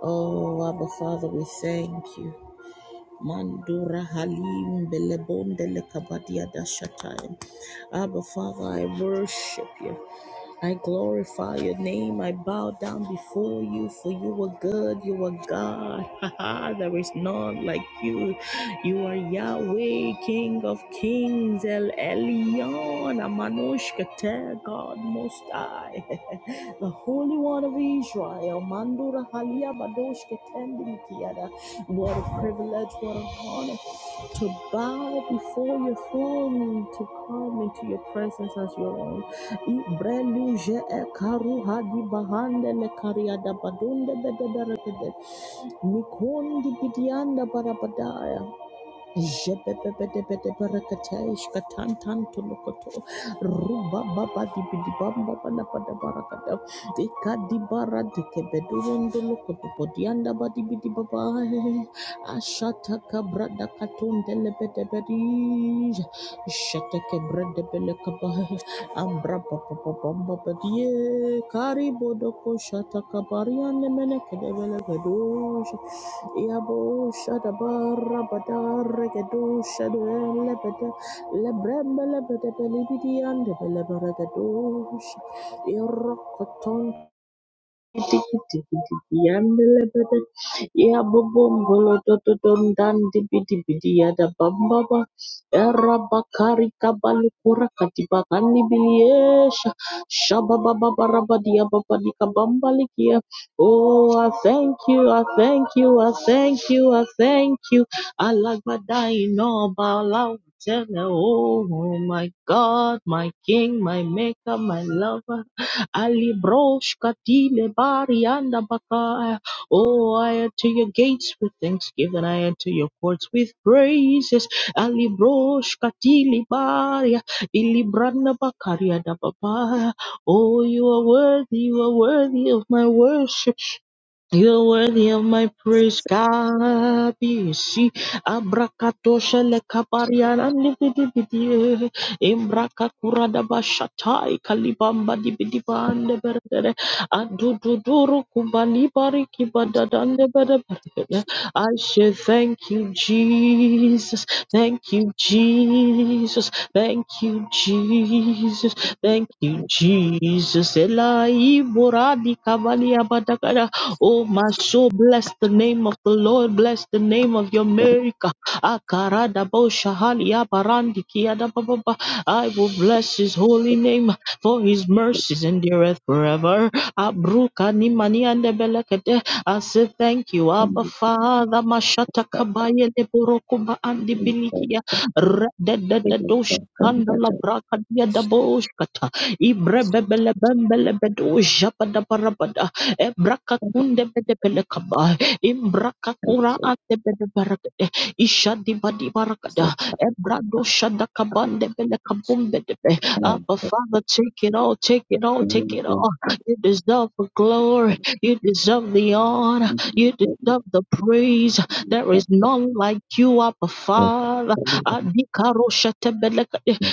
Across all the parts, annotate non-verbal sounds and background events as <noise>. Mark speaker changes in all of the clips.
Speaker 1: Oh, Abba Father, we thank you. Mandura Halim Belebondele Kabadia Dashatai. Abba Father, I worship you. I glorify your name. I bow down before you, for you are good. You are God. <laughs> there is none like you. You are Yahweh, King of Kings, El Elyon, Amanosh Keter, God Most High, <laughs> the Holy One of Israel, Mandura Halia Badosh Ketendim what a privilege, what an honor to bow before your throne, to come into your presence as your own. Ibreluje e karuha di bahande le kariada badunde bede Mikondi bidianda barabadaya. Jebebebedebedeberekateshkatantantolokoto. Rubababadibidibambabanapada dikadibaradekebeduondolokotopodiandabadibidibaba ashatakabradakatondelebedebedi shatakebredebelekaba Ambra papa papa patie kari bodo shata kabaria ne mene kedevele gedosh ya bo shata barra badare gedosh le bede le brembe le bede beli bidi ande bele bara gedosh Yandelebele ya bobombolo totodon dan dibidibidi yada bambaba erabakari kabalukura katibakani biliyesha shabababarabadiya babadika bambalikiya. Oh, I thank you, I thank you, I thank you, I thank you. I like my dying all about tell me, Oh my God, my King, my Maker, my Lover. Ali brosh katile bari anda bakaya. Oh, I enter your gates with thanksgiving. I enter your courts with praises. Ali brosh katili baria ilibranda bakaria bakari babaya. Oh, you are worthy. You are worthy of my worship. You're worthy of my praise, God. See, abrakatosha le kabariana nibidibidi. Imbraka kurada bashatai kalibamba dibidibande berbere. Adududuru kubali bariki badadande berbere. I say thank you, Jesus. Thank you, Jesus. Thank you, Jesus. Thank you, Jesus. Elai buradi kabali abadakara. Oh, my soul, bless the name of the Lord. Bless the name of your America. Akarada bo shahali aparandi kiada ba ba ba. I will bless his holy name for his mercies endureth forever. Abruka ni mani ande belekete. I say thank you,
Speaker 2: Thank
Speaker 1: Abba Father. Mashata kabaya de borokuba andi bilikia. Rededededosha. Kanda la braka dia da boshkata. Ibre bebele bembele bedo japa da barabada. Ebrakakunde bedebelekaba. Imbrakakura atebedebarakade. Ishadibadi barakada. Ebrado shadakabande belekabumbedebe. Abba Father, take it all, take it all, take it all. You deserve the glory. You deserve the honor. You deserve the praise. There is none like you, Abba Father. Adikaro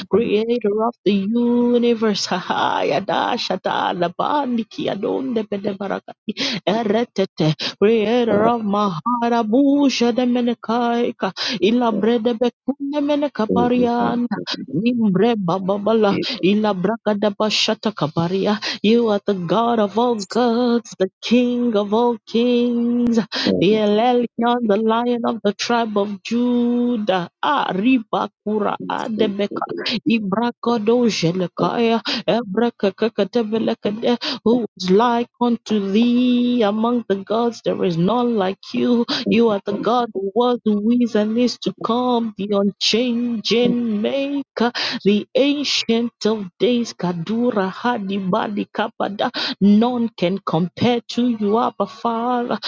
Speaker 1: creator of the universe. <laughs> Yada shata labandiki adonde bede barakati eretete, creator of maharabusha de menekaika, ilabre de bekune menekaparianda, nimbre bababala, ilabraka de bashata kaparia. You are the God of all gods, the King of all kings, the Elelion, the Lion of the tribe of Judah. Ah, riba kura Ibragado Jelekaya, Ebrekekeketebelekede, who is like unto thee among the gods. There is none like you. You are the God who was, who is, and is to come, the unchanging maker, the ancient of days. Kadura Hadibadi Kapada. None can compare to you, Abba Father.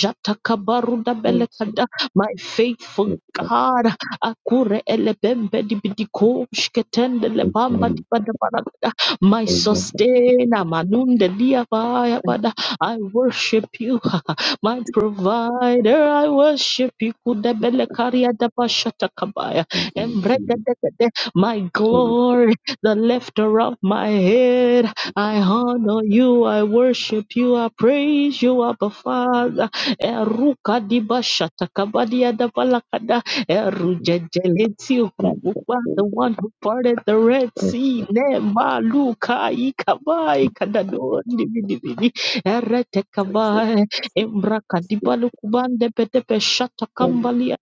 Speaker 1: Jatakabaruda Belekada, my faithful God. Akure elebembe dibidiko shketende lebamba dibadabarabada. My sustainer, manunde diabayabada. I worship you, <laughs> my provider. I worship you. Kudebele karia dabashata kabaya. Embregedegede. My glory, the lifter of my head. I honor you. I worship you. I praise you, Abba Father. Eruka dibashata kabadia dabalakada. Erujejeletiokukukwa, the one who parted the Red Sea, Nemaluka Ikabai Kadadon Dividividi Eretekabai Embrakadibalukubande Petepe Shatakambalia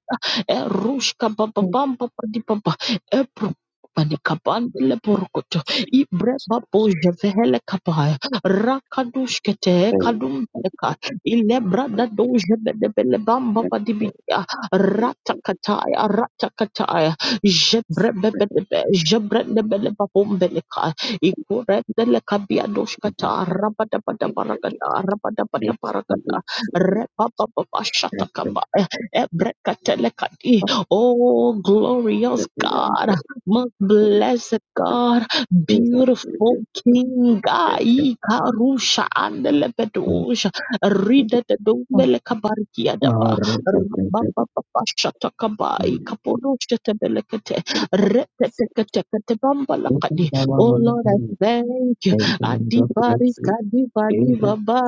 Speaker 1: Erushka
Speaker 2: you.
Speaker 1: Bababamba Padibaba Ebru Panikabandele Burkoto
Speaker 2: Thank
Speaker 1: Ibre Babo Jevehele Kabaya Rakadushkete Kadum Teka Ilebrada Doje Bedebele Bamba Padibia Ratakataya, Ratakataya, Jebrebebebe, Jebrebebebebeleka, Ikurebelekabiadoshkata, Rabadabadaragada, Rabadabadaragada, Repapapapashatakaba, Ebrekatelekadi. Oh, glorious God, most blessed God, beautiful King, Ai Karusha and Lepedosha, Rida the Dumelekabarkiadaba, Babababashatakai kapodoshtetebelekete reteteketeketebambalakadi. Oh Lord, I thank you. Adibari kadibali baba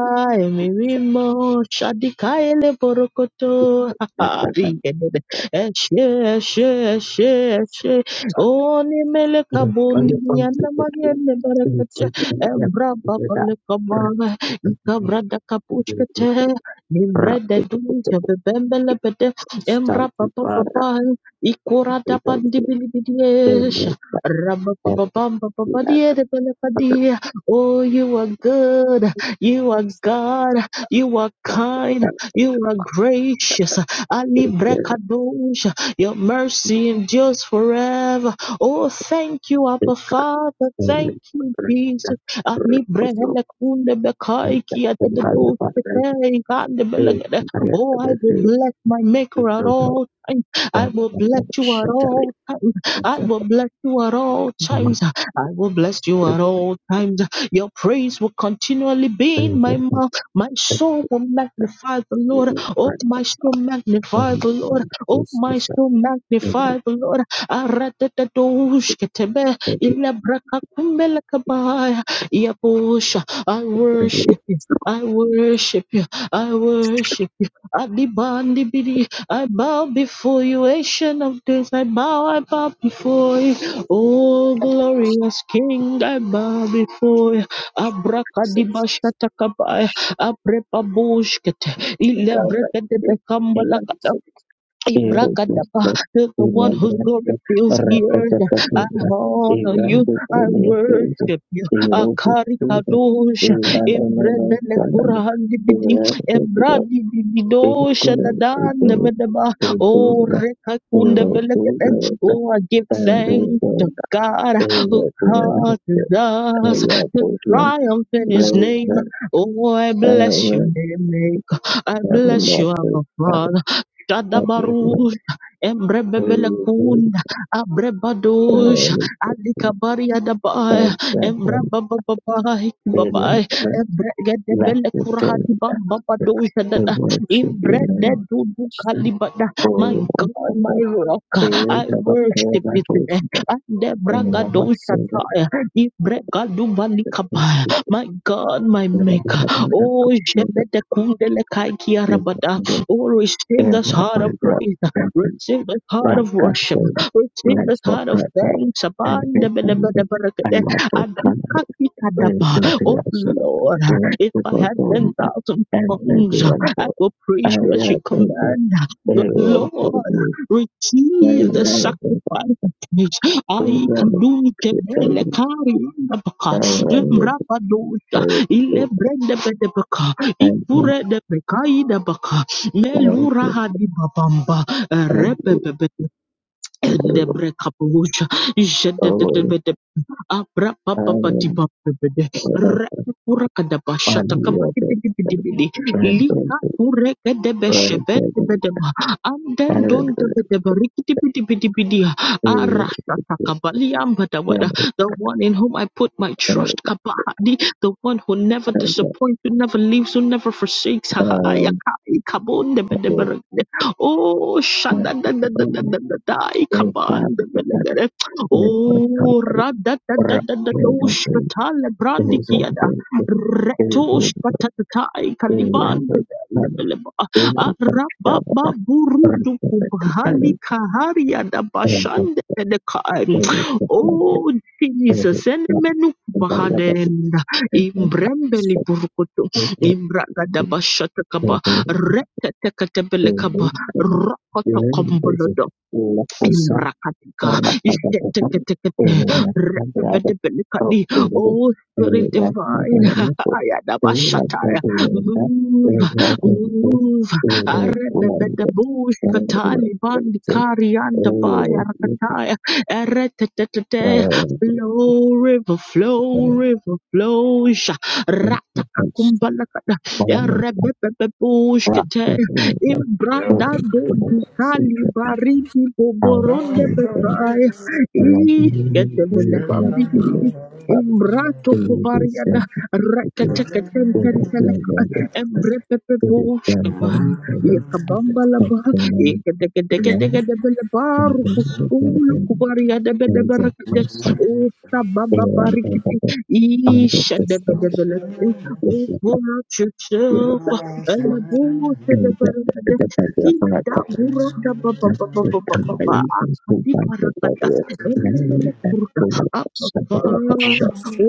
Speaker 1: emirimo shadikaele borokoto. ha ha Rigedede. Eshe eshe eshe eshe.
Speaker 2: you.
Speaker 1: Oni
Speaker 2: We
Speaker 1: meleka boni
Speaker 2: the camp, so
Speaker 1: yana mariene
Speaker 2: you
Speaker 1: barakete.
Speaker 2: see the camp
Speaker 1: Embra
Speaker 2: under
Speaker 1: baba
Speaker 2: that.
Speaker 1: lekaba
Speaker 2: Brr, brr, brr,
Speaker 1: ikabrada
Speaker 2: brr, brr,
Speaker 1: kapushkete. Mimbre
Speaker 2: brr.
Speaker 1: de
Speaker 2: It's a good to
Speaker 1: duje bebembele bede
Speaker 2: start
Speaker 1: embra
Speaker 2: to
Speaker 1: papa
Speaker 2: bar
Speaker 1: papa
Speaker 2: up and
Speaker 1: ikura da
Speaker 2: they don't
Speaker 1: pandi
Speaker 2: get
Speaker 1: bili
Speaker 2: in
Speaker 1: bidiesh
Speaker 2: like that.
Speaker 1: rabba
Speaker 2: And
Speaker 1: papa papa papa
Speaker 2: we had
Speaker 1: die
Speaker 2: a
Speaker 1: de bele
Speaker 2: mother
Speaker 1: padie. Oh, you are good. You are
Speaker 2: stuff
Speaker 1: God. You are
Speaker 2: and the
Speaker 1: kind.
Speaker 2: family
Speaker 1: You are
Speaker 2: that's a
Speaker 1: gracious. Ali
Speaker 2: big care.
Speaker 1: brekadosh. Your mercy endures forever. Oh, thank you,
Speaker 2: They
Speaker 1: Abba
Speaker 2: got
Speaker 1: Father. Thank
Speaker 2: family
Speaker 1: you,
Speaker 2: for
Speaker 1: Jesus.
Speaker 2: that. Brr,
Speaker 1: Ani
Speaker 2: also,
Speaker 1: brehele kunde bekai
Speaker 2: and that's
Speaker 1: kia de
Speaker 2: the
Speaker 1: de do
Speaker 2: mother, father, and
Speaker 1: shete kande
Speaker 2: they
Speaker 1: belegede.
Speaker 2: can carry out
Speaker 1: Oh,
Speaker 2: the
Speaker 1: I will
Speaker 2: baby.
Speaker 1: bless my
Speaker 2: There's
Speaker 1: maker at
Speaker 2: no no,
Speaker 1: all times. I
Speaker 2: and
Speaker 1: will bless
Speaker 2: and
Speaker 1: you at
Speaker 2: Shut up.
Speaker 1: all times.
Speaker 2: It's
Speaker 1: I
Speaker 2: a
Speaker 1: will bless you at all
Speaker 2: one,
Speaker 1: times. I will bless you
Speaker 2: but
Speaker 1: at all times. Your praise will continually be in
Speaker 2: it's
Speaker 1: my mouth. My
Speaker 2: a
Speaker 1: soul will magnify the Lord.
Speaker 2: living
Speaker 1: Oh,
Speaker 2: part
Speaker 1: my
Speaker 2: of
Speaker 1: soul magnify the Lord.
Speaker 2: women.
Speaker 1: Oh,
Speaker 2: This
Speaker 1: my
Speaker 2: is a
Speaker 1: soul
Speaker 2: thing
Speaker 1: magnify the Lord. Aradadadoshketebe,
Speaker 2: of The
Speaker 1: ilebrakakumbelekebaya. Yabusha, I
Speaker 2: very
Speaker 1: worship you. I worship you. I worship you. Adibandi bidi. I bow before you, Ancient of Days. I bow, I bow before you. Oh, glorious King, I bow before you.
Speaker 2: success
Speaker 1: Abrakadibasha takabaya.
Speaker 2: which
Speaker 1: Abrepabushkete.
Speaker 2: they got right
Speaker 1: Ilebrekete
Speaker 2: and secure with
Speaker 1: Ibrakadaba
Speaker 2: the
Speaker 1: is the one
Speaker 2: women
Speaker 1: whose glory
Speaker 2: and the
Speaker 1: fills the earth. I
Speaker 2: thing to to the
Speaker 1: honor
Speaker 2: Iran and
Speaker 1: you.
Speaker 2: the
Speaker 1: I worship you.
Speaker 2: Iran
Speaker 1: Akari
Speaker 2: to the
Speaker 1: kadosha. Embrebele kurahandi bidi.
Speaker 2: economic
Speaker 1: Embradi bidosha dadan
Speaker 2: day.
Speaker 1: bedaba.
Speaker 2: They do is
Speaker 1: Oh,
Speaker 2: a
Speaker 1: rekakunda
Speaker 2: of of
Speaker 1: belekeden. Oh, I give thanks to God who causes us to
Speaker 2: which Thank you.
Speaker 1: triumph in his
Speaker 2: The word
Speaker 1: name. Oh, I bless you, name maker. I bless you, Abba Father. Shadabarus, Embrebebelekunda, Abrebadosh, Alikabaria dabai, Embrabababai, Babai, Embregadebelekurahadi Bambabadosha, Dada,
Speaker 2: should be managed
Speaker 1: Kalibada.
Speaker 2: for
Speaker 1: My
Speaker 2: one
Speaker 1: God, my
Speaker 2: point
Speaker 1: rock,
Speaker 2: eight
Speaker 1: I
Speaker 2: of a power
Speaker 1: worship you
Speaker 2: metals
Speaker 1: today.
Speaker 2: and of a
Speaker 1: Andebragadosha
Speaker 2: silver
Speaker 1: Taya, Ibregadubalikabai. My God, my maker. Oh, Shebede Kundele Kaikia Rabada. Oh, receive this heart of praise. Receive the heart of worship.
Speaker 2: Rakatsu,
Speaker 1: Receive the heart of
Speaker 2: Rajapata,
Speaker 1: thanks.
Speaker 2: and Vietnam, and
Speaker 1: Abandabadabadabadabada.
Speaker 2: Michael Connor, and
Speaker 1: Adukakikadaba. Oh,
Speaker 2: Vildiasa,
Speaker 1: Lord, if I had 10,000
Speaker 2: Rakapodonda, and
Speaker 1: tongues, I
Speaker 2: Vidiando,
Speaker 1: will praise you as you
Speaker 2: Ayapada,
Speaker 1: command. But
Speaker 2: Aero,
Speaker 1: Lord,
Speaker 2: Pudi,
Speaker 1: receive
Speaker 2: and
Speaker 1: the
Speaker 2: Ayapada,
Speaker 1: sacrifice of praise. I can
Speaker 2: Pudana,
Speaker 1: do it.
Speaker 2: Kitchen,
Speaker 1: Kari Baka.
Speaker 2: Aran,
Speaker 1: Lembrapa dosha.
Speaker 2: and
Speaker 1: Ilebrende bedebaka.
Speaker 2: Ayapada,
Speaker 1: Ikure de bekai de
Speaker 2: and
Speaker 1: Melura hadi babamba repepepe ende
Speaker 2: Vitero,
Speaker 1: brekapuja
Speaker 2: Owen,
Speaker 1: Abra papa pati
Speaker 2: Ireland,
Speaker 1: bede.
Speaker 2: on
Speaker 1: Rekura kada
Speaker 2: the
Speaker 1: bashata kabadi bidi bidi
Speaker 2: Anuada,
Speaker 1: bidi.
Speaker 2: and
Speaker 1: Lika
Speaker 2: Joseph,
Speaker 1: kure kada beshebe
Speaker 2: Rajapata,
Speaker 1: bede ba. Anden don
Speaker 2: Aran,
Speaker 1: de bede barikiti bidi bidi bidi. Arasa takabali ambada
Speaker 2: Thank
Speaker 1: wada. The one in whom I put my trust kabahadi. The one who never disappoints, who never leaves, who never forsakes. Ha ha ayakai kabonde bede barikiti. Oh, shada da da da da da da da. Ikabande bede Oh, radadadadadadoshatale brandikiada. Retoshpatatai kaliban debeleba. Arababa burudu kubhali kaharia da bashande dekai. Oh, Jesus. Enemenu kubahadenda. Imbrembeli burukutu. Imbraga da bashatakaba. Rekatekatebelekaba. Rakatakambalada.
Speaker 2: you.
Speaker 1: Imbrakatika,
Speaker 2: Thank
Speaker 1: ishetekete, repepetepelikani. Oh, Spirit Divine, <laughs> Ayadabashataya. move, move. Arebebedebush, Kataliban, Karianda, Baya, Rakataya, Eretetete, flow, river, flow, river, flow, Sha- Ratakakumbalakada, Erebebebush, Kate,
Speaker 3: Let me
Speaker 1: Imbrada Kali baridi
Speaker 3: carry
Speaker 1: boboronde
Speaker 3: you to the
Speaker 1: bekaya.
Speaker 3: sky. Let me
Speaker 1: Iskete bele
Speaker 3: carry you to the sky. Let
Speaker 1: bambidi
Speaker 3: me carry
Speaker 1: bidi.
Speaker 3: you to the sky.
Speaker 1: Imbrato kubariada.
Speaker 3: Let me
Speaker 1: Rekete
Speaker 2: you. It is done.
Speaker 1: Embrepepeposhkava, Yakabambalaba, Ekedegedegedegedebelebaru, Kukumulu, Kubaria, Debedeberekete, O Sababa Barikiti, Isha Debedebelekete, O pour out yourself, Elabota Deberekete, Ida
Speaker 3: carry you
Speaker 1: Burada Baba Baba Baba Baba, Akadi Barakada, Emelele Kurda, Abba, O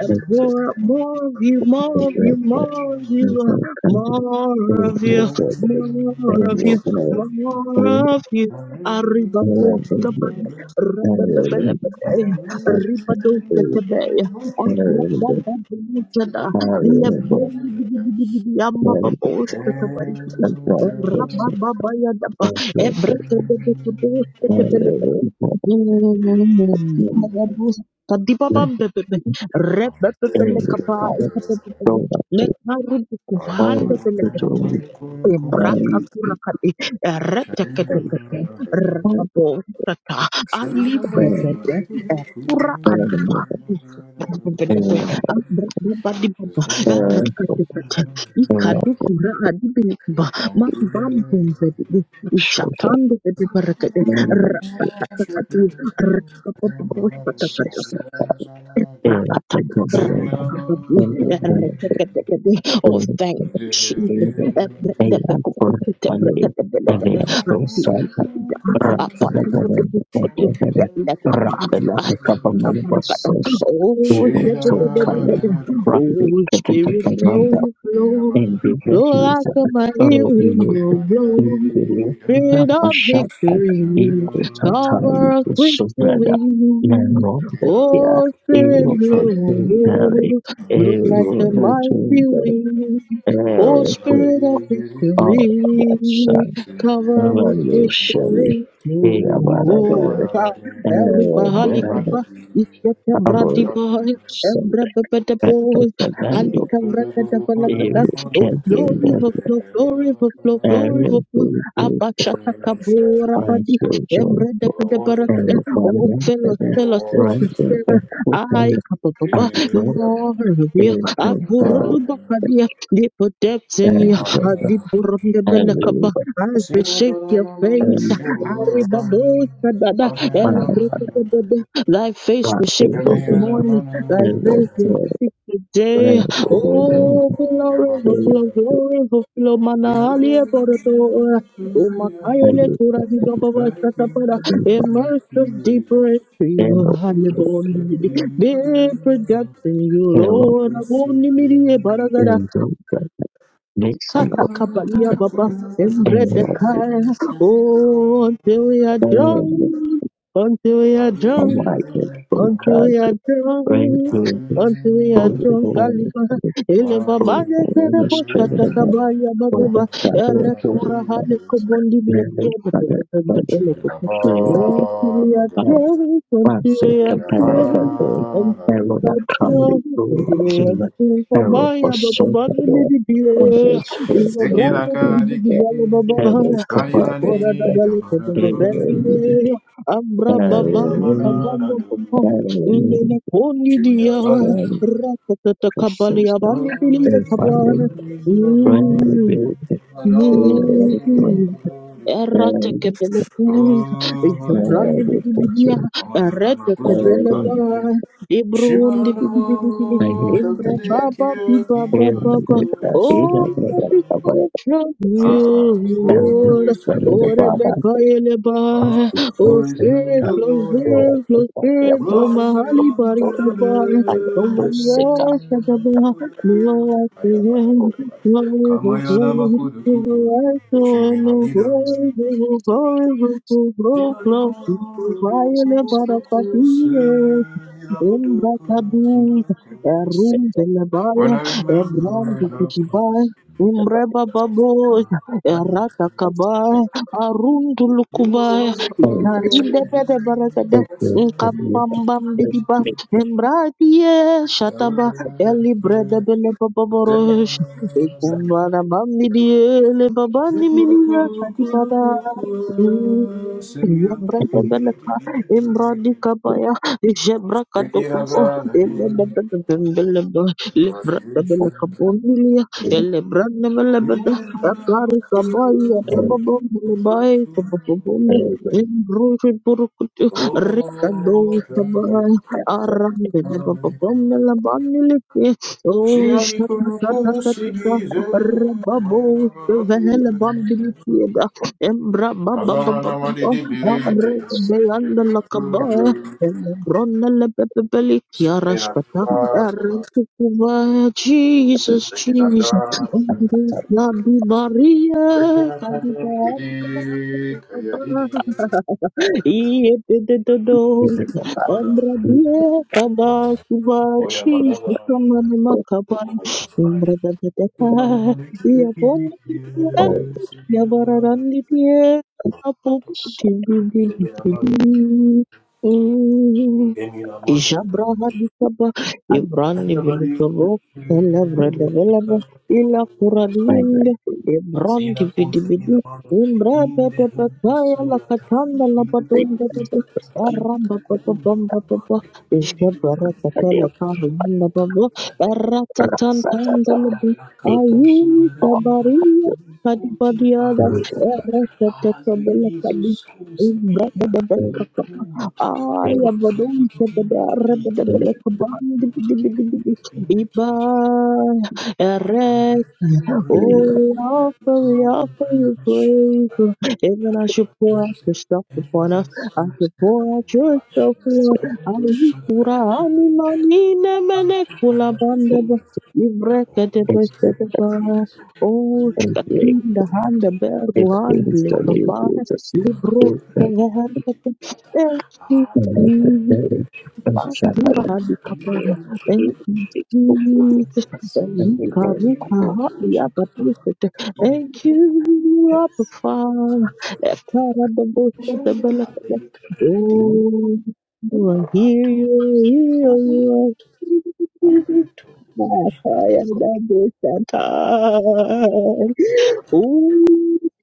Speaker 1: and pour out more of you, more of you, more of you, more of you, more
Speaker 3: to
Speaker 1: of
Speaker 3: the
Speaker 1: you,
Speaker 3: sky.
Speaker 1: more of you.
Speaker 3: Thank
Speaker 1: Arriba bosta badi, rabababela badaya,
Speaker 2: Thank you.
Speaker 1: arriba dosta kabaya, abrada da bosta da, illa beri bidi bidi bidi amba ba bosta kabari bidi, rabababa ya da ba, ebreka da da da bosta kabela kabaya. Kadiba Rekabamba
Speaker 3: you.
Speaker 2: Sure.
Speaker 3: Shadada,
Speaker 1: Rakatan, rakakabadi, erekeketekede. Oh, thank you, Jesus.
Speaker 2: Ayam
Speaker 1: Ebredebekopekete,
Speaker 2: kurmani,
Speaker 1: brekadebelekede.
Speaker 2: ayam dosa,
Speaker 1: Atidikidida,
Speaker 2: berat pada badan
Speaker 1: apatidikidikidi,
Speaker 2: bagian badan, berat
Speaker 1: lekaba
Speaker 2: dalam beberapa malam
Speaker 1: kabarakata.
Speaker 2: sosial,
Speaker 1: Oh,
Speaker 2: ibu cukai,
Speaker 1: shadadadadadada.
Speaker 2: ramai
Speaker 1: oh,
Speaker 2: ketika
Speaker 1: Spirit, flow,
Speaker 2: beranda,
Speaker 1: flow,
Speaker 2: endi
Speaker 1: flow like
Speaker 2: bertulisan,
Speaker 1: a mighty
Speaker 2: baru ibu
Speaker 1: window blow.
Speaker 2: dipilih dan
Speaker 1: Spirit of
Speaker 2: masyarakat
Speaker 1: victory,
Speaker 2: ikut
Speaker 1: cover
Speaker 2: tatali
Speaker 1: us with your
Speaker 2: bersuara,
Speaker 1: wings.
Speaker 2: namun Dia
Speaker 1: Oh, Spirit, blow, blow like the mighty wind. Oh,
Speaker 3: Thank
Speaker 2: Thank you.
Speaker 1: Spirit of
Speaker 2: Oh, that's
Speaker 1: victory, cover
Speaker 2: Hello,
Speaker 1: us with your
Speaker 2: Shelley.
Speaker 1: wings.
Speaker 2: Hey, about about it.
Speaker 1: Oh, Ikete
Speaker 2: Our
Speaker 1: bradi bahaya,
Speaker 2: son,
Speaker 1: embra bebede bohos,
Speaker 2: Fernando,
Speaker 1: alika vrede de
Speaker 2: he
Speaker 1: belakada, oh
Speaker 2: can be
Speaker 1: glory
Speaker 2: there.
Speaker 1: overflow, glory overflow, glory
Speaker 2: And
Speaker 1: overflow,
Speaker 2: we do
Speaker 1: abashata kabora
Speaker 2: find
Speaker 1: badi,
Speaker 2: children
Speaker 1: embre de bede
Speaker 2: and
Speaker 1: barakada, oh
Speaker 2: family
Speaker 1: fill us,
Speaker 2: together.
Speaker 1: fill us with
Speaker 2: Right
Speaker 1: the
Speaker 2: there, the
Speaker 1: spirit,
Speaker 2: cooking
Speaker 1: ay kababa,
Speaker 2: and road
Speaker 1: more of you,
Speaker 2: is your very
Speaker 1: aburudu bakadia, deep depths in you,
Speaker 2: and
Speaker 1: adiburunde belakaba,
Speaker 2: and
Speaker 1: as we shake your face,
Speaker 2: and
Speaker 1: aribabo sadada,
Speaker 2: my
Speaker 3: you.
Speaker 1: Thy face
Speaker 2: God,
Speaker 1: will shake
Speaker 3: Give
Speaker 1: this
Speaker 3: me
Speaker 2: and
Speaker 3: the
Speaker 1: morning. Thy
Speaker 3: money.
Speaker 1: face
Speaker 2: what's
Speaker 1: will
Speaker 2: your
Speaker 1: shake today.
Speaker 2: name?
Speaker 3: Oh,
Speaker 1: Oh,
Speaker 3: your
Speaker 1: glory,
Speaker 3: body
Speaker 1: oh,
Speaker 3: too.
Speaker 1: glory, glory, oh, flow, mana,
Speaker 3: You
Speaker 1: alie, poroto. Oh,
Speaker 2: I
Speaker 1: makayele,
Speaker 2: used
Speaker 1: kuradi, baba
Speaker 3: Thank you,
Speaker 1: shatapada.
Speaker 2: to be
Speaker 1: Immerse us deeper
Speaker 3: Jesus.
Speaker 1: into you.
Speaker 3: Blessed
Speaker 1: Hallelujah.
Speaker 3: be your
Speaker 1: Be productive,
Speaker 3: name.
Speaker 1: you
Speaker 2: there.
Speaker 1: Lord.
Speaker 3: Blessed
Speaker 1: Aboni,
Speaker 3: be your
Speaker 1: miri,
Speaker 3: name.
Speaker 1: baragada.
Speaker 2: and don't let me
Speaker 3: Come
Speaker 1: Sata,
Speaker 2: know.
Speaker 3: on,
Speaker 1: kabalia,
Speaker 3: come on,
Speaker 1: baba.
Speaker 3: come on,
Speaker 1: Embre,
Speaker 2: And
Speaker 1: the kai.
Speaker 3: Jesus.
Speaker 1: Oh, until we are
Speaker 2: I am
Speaker 1: drunk. Until we are
Speaker 2: a
Speaker 1: drunk.
Speaker 2: mighty
Speaker 3: Hallelujah.
Speaker 2: full
Speaker 1: Until
Speaker 2: crowd
Speaker 1: we are
Speaker 2: to bring
Speaker 1: drunk,
Speaker 2: you the
Speaker 1: until we are
Speaker 2: full
Speaker 3: Hallelujah.
Speaker 1: drunk,
Speaker 2: of
Speaker 1: Aliba, Eleva
Speaker 2: full
Speaker 1: Bale Terebo
Speaker 2: straight of
Speaker 3: Hallelujah.
Speaker 2: the God
Speaker 1: Satakabaya
Speaker 2: for the
Speaker 1: Bababa,
Speaker 2: shadow of the
Speaker 1: Kura, Hale
Speaker 2: weekends.
Speaker 3: Hallelujah.
Speaker 1: Kobondi
Speaker 2: And they
Speaker 1: Bilikia,
Speaker 2: started by
Speaker 1: the
Speaker 2: the
Speaker 3: Oh,
Speaker 1: Belekata.
Speaker 2: trail of the
Speaker 1: Until we are
Speaker 3: Holy
Speaker 2: power.
Speaker 1: drunk,
Speaker 2: One
Speaker 1: until
Speaker 2: set
Speaker 1: we are
Speaker 2: of better that
Speaker 1: drunk,
Speaker 2: the arrow that come before us and the arrow for so far on the spirit of the the terror covered the healing. Sick
Speaker 1: Kabali abani bilia kabana. Errata kebele kun, Ibrani
Speaker 3: Spirit,
Speaker 1: bidi bidia,
Speaker 3: oh, yeah, I'm
Speaker 1: Errata kebele ba,
Speaker 3: a
Speaker 1: Ibrundi bidi bidi bidi,
Speaker 3: Shimaranamo
Speaker 1: Imbra baba
Speaker 3: Dakidekiya
Speaker 1: biba baba ba,
Speaker 3: Kikaraku
Speaker 1: Oh, this
Speaker 3: Shimaranamo
Speaker 1: is from
Speaker 3: Ah,
Speaker 1: you, Lord.
Speaker 3: glory to the
Speaker 1: Oh,
Speaker 3: King
Speaker 1: Rebecca
Speaker 3: Ah,
Speaker 1: eleba, Oh,
Speaker 3: glory to the
Speaker 1: Spirit, flow,
Speaker 3: Lord
Speaker 1: Spirit, flow, Spirit, flow,
Speaker 3: Glory
Speaker 1: Mahali
Speaker 3: unto the
Speaker 1: Barisaba, Oh, Maria, Sadaba,
Speaker 3: Lord.
Speaker 1: Lord, I surrender,
Speaker 3: Ayabadabadabada.
Speaker 1: Lord, I
Speaker 3: Kamayana Makudu Kuku
Speaker 1: I don't know
Speaker 3: Shiminamida
Speaker 1: why, why, why, why, why, why
Speaker 3: Dinarina
Speaker 1: I'm so
Speaker 3: Udu
Speaker 1: far away from
Speaker 3: Kuku Kuku Se
Speaker 1: my heart.
Speaker 3: Mirabudu Kudu Kudu
Speaker 1: Embrakaduz,
Speaker 3: kudu.
Speaker 1: Erum Belebaya,
Speaker 3: When I
Speaker 1: Ebram
Speaker 3: remember the
Speaker 1: Kitibay,
Speaker 3: promise
Speaker 1: Imreba Baboy, Erata Kabay, Arun
Speaker 3: you
Speaker 1: Tulukubay,
Speaker 3: are the power. in
Speaker 1: Ikarinde Bede Barakada,
Speaker 2: Open
Speaker 3: my
Speaker 2: and
Speaker 3: soul.
Speaker 2: live up
Speaker 1: Nkambambam
Speaker 2: with
Speaker 1: Bidiba,
Speaker 2: me
Speaker 1: Embratie
Speaker 3: Ever
Speaker 1: Shataba,
Speaker 2: separate
Speaker 1: Eli Breda Bele
Speaker 3: Send me a
Speaker 1: Baborosh,
Speaker 3: man.
Speaker 1: Ekumbana Bambidi, Ele Babani Minia Kadipada.
Speaker 3: Zikuru-kuru-kuru-kuru-kuru. Send me a man.
Speaker 2: seconds,
Speaker 1: Jabrebebeleka, Imbradikabaya,
Speaker 3: Take it a
Speaker 1: Jabrakatokubo,
Speaker 3: valid.
Speaker 1: Elebebebebebelebe,
Speaker 3: You are the nation.
Speaker 1: Lebrakabelekabonilia,
Speaker 2: open
Speaker 3: You
Speaker 1: Elebranebelebede,
Speaker 3: are the
Speaker 1: Akarikabaya,
Speaker 2: and
Speaker 1: Bababombilibaya,
Speaker 3: nation.
Speaker 1: Kabababombe,
Speaker 2: even
Speaker 1: Imbrujiburukutu,
Speaker 3: Oh, thank you.
Speaker 1: Rikadoshabaya,
Speaker 2: after
Speaker 3: Şiarikum
Speaker 1: Arambedebababomelabaniliki, Oh,
Speaker 3: kusi
Speaker 1: Shatatatata,
Speaker 3: gize mayana
Speaker 1: Rebabo,
Speaker 3: barabi kurete
Speaker 1: Shevehelebambilikieda, Embra
Speaker 3: azamana
Speaker 1: Bababababa.
Speaker 3: madidi
Speaker 2: a better
Speaker 3: birite
Speaker 1: Amreke de
Speaker 2: second
Speaker 1: anda la
Speaker 3: jigezulu
Speaker 1: kabae,
Speaker 2: attack
Speaker 1: elebrona le pepepeli kiara shpata,
Speaker 3: minagara
Speaker 1: ereke kubae, Jesus, Jesus,
Speaker 3: minagara
Speaker 2: and attack
Speaker 1: la di baria,
Speaker 3: minagara
Speaker 1: kadita
Speaker 3: kidi
Speaker 1: anda la
Speaker 3: kaya didi
Speaker 1: kabae, iete de dodo,
Speaker 2: giving a
Speaker 1: embra
Speaker 2: back
Speaker 1: die, kaba kuba,
Speaker 3: oya manava
Speaker 1: Jesus, kamane
Speaker 2: for
Speaker 1: makabae, embra de de de ka,
Speaker 3: Bana bana tiki
Speaker 1: ia
Speaker 2: all
Speaker 3: yes, sigina bana.
Speaker 1: Yabaran di Yabararanditiye, apu,
Speaker 3: Atoko.
Speaker 1: timbi, timbi,
Speaker 3: Lebena
Speaker 1: timbi.
Speaker 3: magi.
Speaker 1: Mm.
Speaker 3: Emi na mana.
Speaker 1: Ijabraha dikaba
Speaker 2: and the
Speaker 1: Ibrani
Speaker 3: Everybody.
Speaker 1: bilikabo elebra develebe ila
Speaker 2: final
Speaker 1: kuradiinde
Speaker 2: will be
Speaker 1: Ibrandi
Speaker 3: Azina koza
Speaker 1: bidibidi
Speaker 3: mina mana.
Speaker 1: imbrebe
Speaker 3: Inde humbo
Speaker 1: debekaya la
Speaker 3: surata.
Speaker 1: katanda la
Speaker 3: Libili
Speaker 1: badunda
Speaker 3: kufupi
Speaker 1: debe
Speaker 3: kata. Kimi
Speaker 1: eramba baba
Speaker 3: kukundu
Speaker 1: bamba baba
Speaker 3: kubande. Bindi the
Speaker 1: ishebra
Speaker 2: a
Speaker 3: kubande.
Speaker 1: katele
Speaker 2: damn
Speaker 1: kari yanda baba eratatantanda
Speaker 2: rasatata
Speaker 1: lebe
Speaker 2: take
Speaker 3: Ayakato
Speaker 2: the
Speaker 1: ayumi
Speaker 3: suberetia
Speaker 1: kabariya
Speaker 3: nikuti
Speaker 1: kadibadiada
Speaker 2: Thank you.
Speaker 3: paratoza
Speaker 1: erekete
Speaker 3: azve
Speaker 1: kebele
Speaker 3: izo
Speaker 1: kadi
Speaker 3: skuse
Speaker 1: imbrebe
Speaker 3: bira nikute
Speaker 1: Aya badon
Speaker 3: kipindi kipindi
Speaker 1: tebeda
Speaker 3: kipindi
Speaker 1: rebeda bele
Speaker 3: kipindi
Speaker 1: kaban dibi dibi dibi
Speaker 3: kipindi kipindi
Speaker 1: iba
Speaker 3: kipindi
Speaker 2: can
Speaker 1: Oh,
Speaker 2: do the very
Speaker 3: Umbrella,
Speaker 1: we offer, we
Speaker 3: no the
Speaker 1: offer you
Speaker 3: brand sugar,
Speaker 1: praise. Even as you pour out
Speaker 3: Yakatose,
Speaker 1: yourself
Speaker 3: and
Speaker 1: upon us,
Speaker 3: the
Speaker 1: as you
Speaker 3: schools
Speaker 1: pour out
Speaker 3: brand,
Speaker 1: yourself,
Speaker 3: the
Speaker 1: Lord.
Speaker 2: simple
Speaker 3: brand
Speaker 1: Ani kura,
Speaker 3: sugar, the
Speaker 1: ani
Speaker 3: egg,
Speaker 1: mani, ne mene
Speaker 3: and
Speaker 1: kula
Speaker 3: the food.
Speaker 1: bandaba. Ibreke de
Speaker 2: expert
Speaker 1: beshete ba. Oh,
Speaker 2: and create
Speaker 1: shkatinda handa bergu
Speaker 2: everything
Speaker 1: handi
Speaker 2: instantly
Speaker 1: lekabane.
Speaker 2: uses
Speaker 1: Libro
Speaker 2: is
Speaker 1: de
Speaker 2: that
Speaker 1: verke. Thank
Speaker 2: I have a
Speaker 1: you,
Speaker 2: very unshackled
Speaker 1: Duraha dikapana. Thank
Speaker 3: Rato,
Speaker 1: you, Jesus. Elika ruha hadia batisete. Thank you, Abba Father. Ekara dabosa debelekele. Oh, you are here, you are here, you are here.
Speaker 3: Rato,
Speaker 1: Ooh,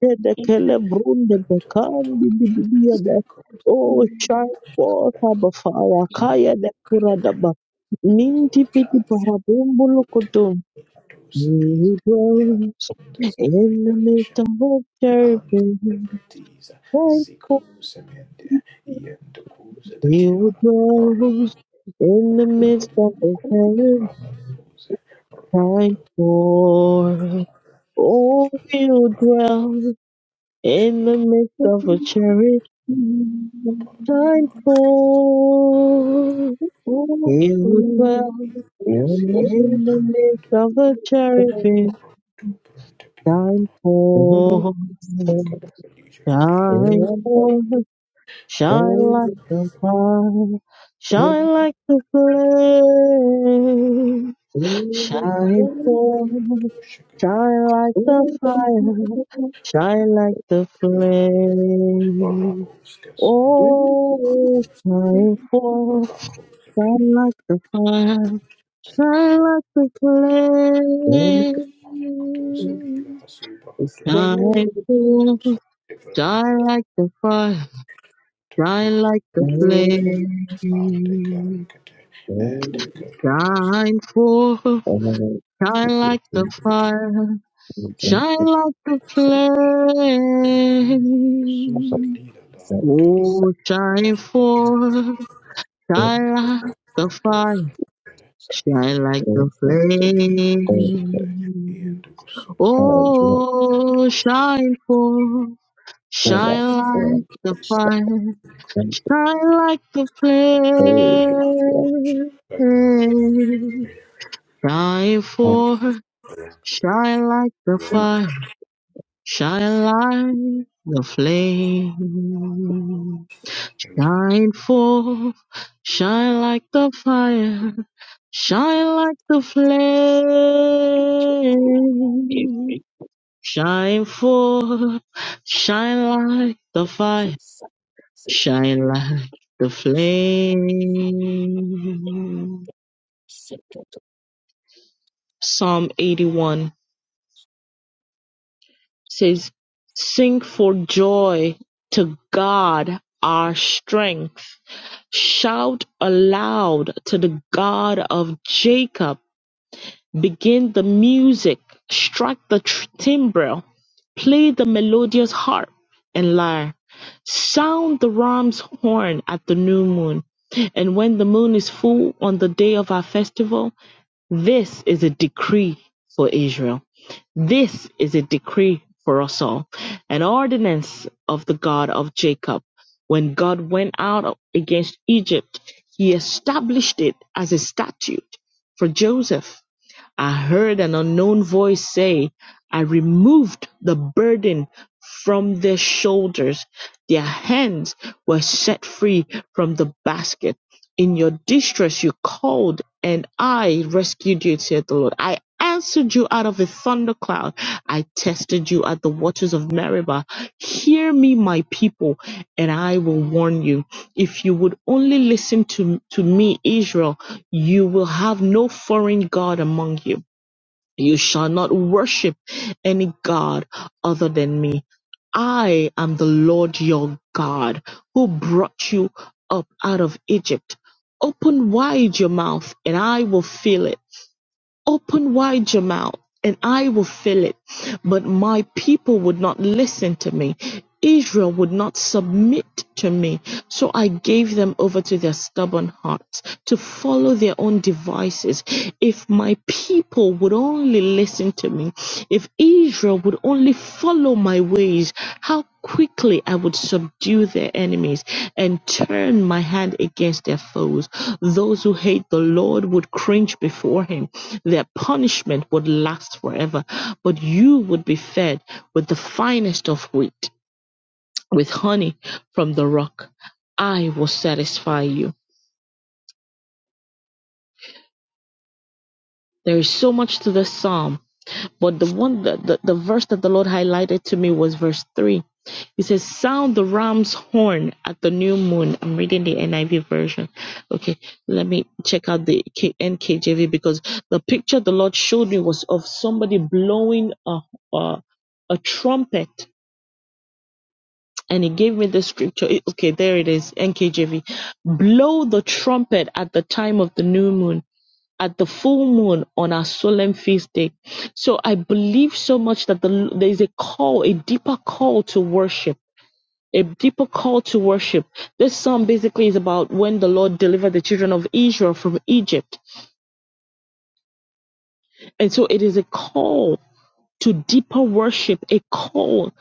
Speaker 1: the Celebrun, the
Speaker 3: Rato,
Speaker 1: Bekan, the Bibibiada.
Speaker 3: Zeko,
Speaker 1: Oh, shine forth, Abba Fire, Kaya, the Puradaba. Minty pity
Speaker 3: Rato,
Speaker 1: parabumbulu kutum.
Speaker 3: Kadosa Bees,
Speaker 1: We dwell
Speaker 3: the
Speaker 1: in the
Speaker 3: Separation,
Speaker 1: midst of the
Speaker 3: and
Speaker 1: cherubim.
Speaker 3: Celebrities,
Speaker 1: Shine forth.
Speaker 3: Zico Semende, Yendokuza, the
Speaker 1: You
Speaker 3: Tiara, Rabado,
Speaker 1: dwell in the midst of the cherubim.
Speaker 3: Rabados,
Speaker 1: Shine
Speaker 3: Rabado,
Speaker 1: forth. Oh, you dwell.
Speaker 3: Rabado,
Speaker 1: In the
Speaker 3: Shakapakasi,
Speaker 1: midst of a cherry time fall, you would dwell. In the midst
Speaker 3: Brando,
Speaker 1: of a cherubim
Speaker 3: Toprent, Piramon,
Speaker 1: time fall,
Speaker 3: the Kapalisha Kabila,
Speaker 1: shine forth, shine
Speaker 3: Hayakato
Speaker 1: like the fire, shine like the flame, shine forth,
Speaker 3: Shakabila,
Speaker 1: shine like the fire, shine like the
Speaker 3: or
Speaker 1: flame.
Speaker 3: Rabos, Kasunda,
Speaker 1: Oh, shine
Speaker 3: Hikali,
Speaker 1: forth.
Speaker 3: Rakos,
Speaker 1: Shine like the fire, shine
Speaker 3: Kabila,
Speaker 1: like the flame.
Speaker 3: Katose bila hasiba
Speaker 2: It's
Speaker 3: hatosha
Speaker 1: Shine forth,
Speaker 3: ketusa evrende
Speaker 1: shine
Speaker 3: bili
Speaker 1: like the fire, shine
Speaker 3: tokus
Speaker 1: like the
Speaker 3: tushata ante
Speaker 1: flame.
Speaker 3: karakate
Speaker 2: you.
Speaker 3: ete karakatese
Speaker 1: Shine forth,
Speaker 2: Another
Speaker 1: shine
Speaker 2: situation
Speaker 1: like the
Speaker 2: is that
Speaker 1: fire,
Speaker 2: the
Speaker 1: shine like the
Speaker 2: support that
Speaker 3: Suze
Speaker 1: flame.
Speaker 3: lila la
Speaker 2: support
Speaker 3: ruta la
Speaker 1: Oh, shine forth, shine like the
Speaker 3: patosa
Speaker 1: fire,
Speaker 2: supports
Speaker 3: ia
Speaker 1: shine like the
Speaker 2: the support and the
Speaker 3: kusunde
Speaker 1: flame.
Speaker 3: iende kusumbe
Speaker 2: power
Speaker 3: ende
Speaker 1: Oh, shine
Speaker 3: kusumbe
Speaker 1: forth,
Speaker 2: and the
Speaker 1: shine like the
Speaker 2: statement
Speaker 1: fire,
Speaker 2: of
Speaker 1: shine like the
Speaker 2: the
Speaker 1: flame.
Speaker 3: kaka kadosh.
Speaker 1: Shine
Speaker 2: confidence
Speaker 1: forth, shine like the fire, shine like the flame. Shine forth, shine like the fire, shine like the
Speaker 2: is
Speaker 1: flame.
Speaker 2: making
Speaker 1: Shine forth, shine like the
Speaker 2: something
Speaker 1: fire, shine like the flame.
Speaker 2: settled
Speaker 1: Psalm 81 says, Sing for joy to God our strength. Shout aloud to the God of Jacob Begin the music, strike the tr- timbrel, play the melodious harp and lyre, sound the ram's horn at the new moon, and when the moon is full on the day of our festival, this is a decree for Israel. This is a decree for us all, an ordinance of the God of Jacob. When God went out against Egypt, he established it as a statute for Joseph I heard an unknown voice say, I removed the burden from their shoulders. Their hands were set free from the basket. In your distress, you called, and I rescued you, said the Lord. I answered you out of a thundercloud. I tested you at the waters of Meribah. Hear me, my people, and I will warn you. If you would only listen to, to me, Israel, you will have no foreign God among you. You shall not worship any God other than me. I am the Lord your God who brought you up out of Egypt. Open wide your mouth and I will fill it Open wide your mouth and I will fill it. But my people would not listen to me. Israel would not submit to me. So I gave them over to their stubborn hearts to follow their own devices. If my people would only listen to me, if Israel would only follow my ways, how quickly I would subdue their enemies and turn my hand against their foes. Those who hate the Lord would cringe before him. Their punishment would last forever, but you would be fed with the finest of wheat, with honey from the rock. I will satisfy you. There is so much to this psalm But the one that the, the verse that the Lord highlighted to me was verse three. It says, Sound the ram's horn at the new moon. I'm reading the NIV version. Okay, let me check out the K- NKJV because the picture the Lord showed me was of somebody blowing a, a, a trumpet. And he gave me the scripture. It- Okay, there it is, NKJV. Blow the trumpet at the time of the new moon at the full moon on our solemn feast day. So I believe so much that the, there is a call, a deeper call to worship. A deeper call to worship. This psalm basically is about when the Lord delivered the children of Israel from Egypt. And so it is a call to deeper worship, a call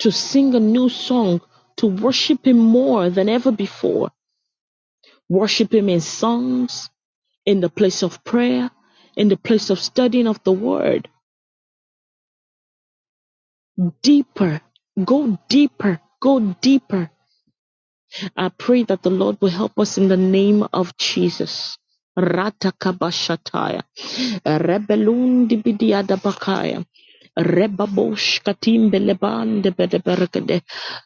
Speaker 1: to sing a new song, to worship Him more than ever before. Worship Him in songs, in the place of prayer, in the place of studying of the Word deeper. Go deeper. Go deeper. I pray that the Lord will help us in the name of Jesus. Ratakabashataya. Rebelundi bidiadabakaya. Rebabosh katimbelebande bedeberekede.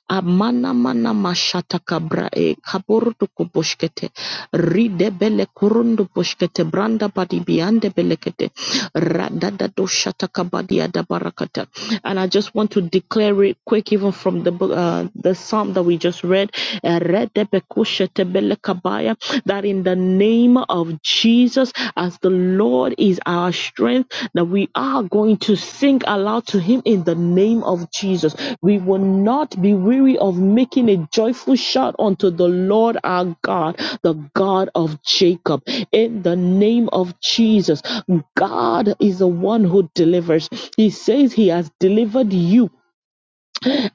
Speaker 1: Amana mana mashata kabra e kaburdu kubushkete. Ride bele kurundu bushkete branda badi biande belekete. Radada do shata kabadi adabarakata. And I just want to declare it quick, even from the book, uh, the psalm that we just read. Eh, rede bekushete bele kabaya, That in the name of Jesus. Jesus as the Lord is our strength, that we are going to sing aloud to Him in the name of Jesus. We will not be weary of making a joyful shout unto the Lord our God, the God of Jacob, in the name of Jesus. God is the one who delivers. He says He has delivered you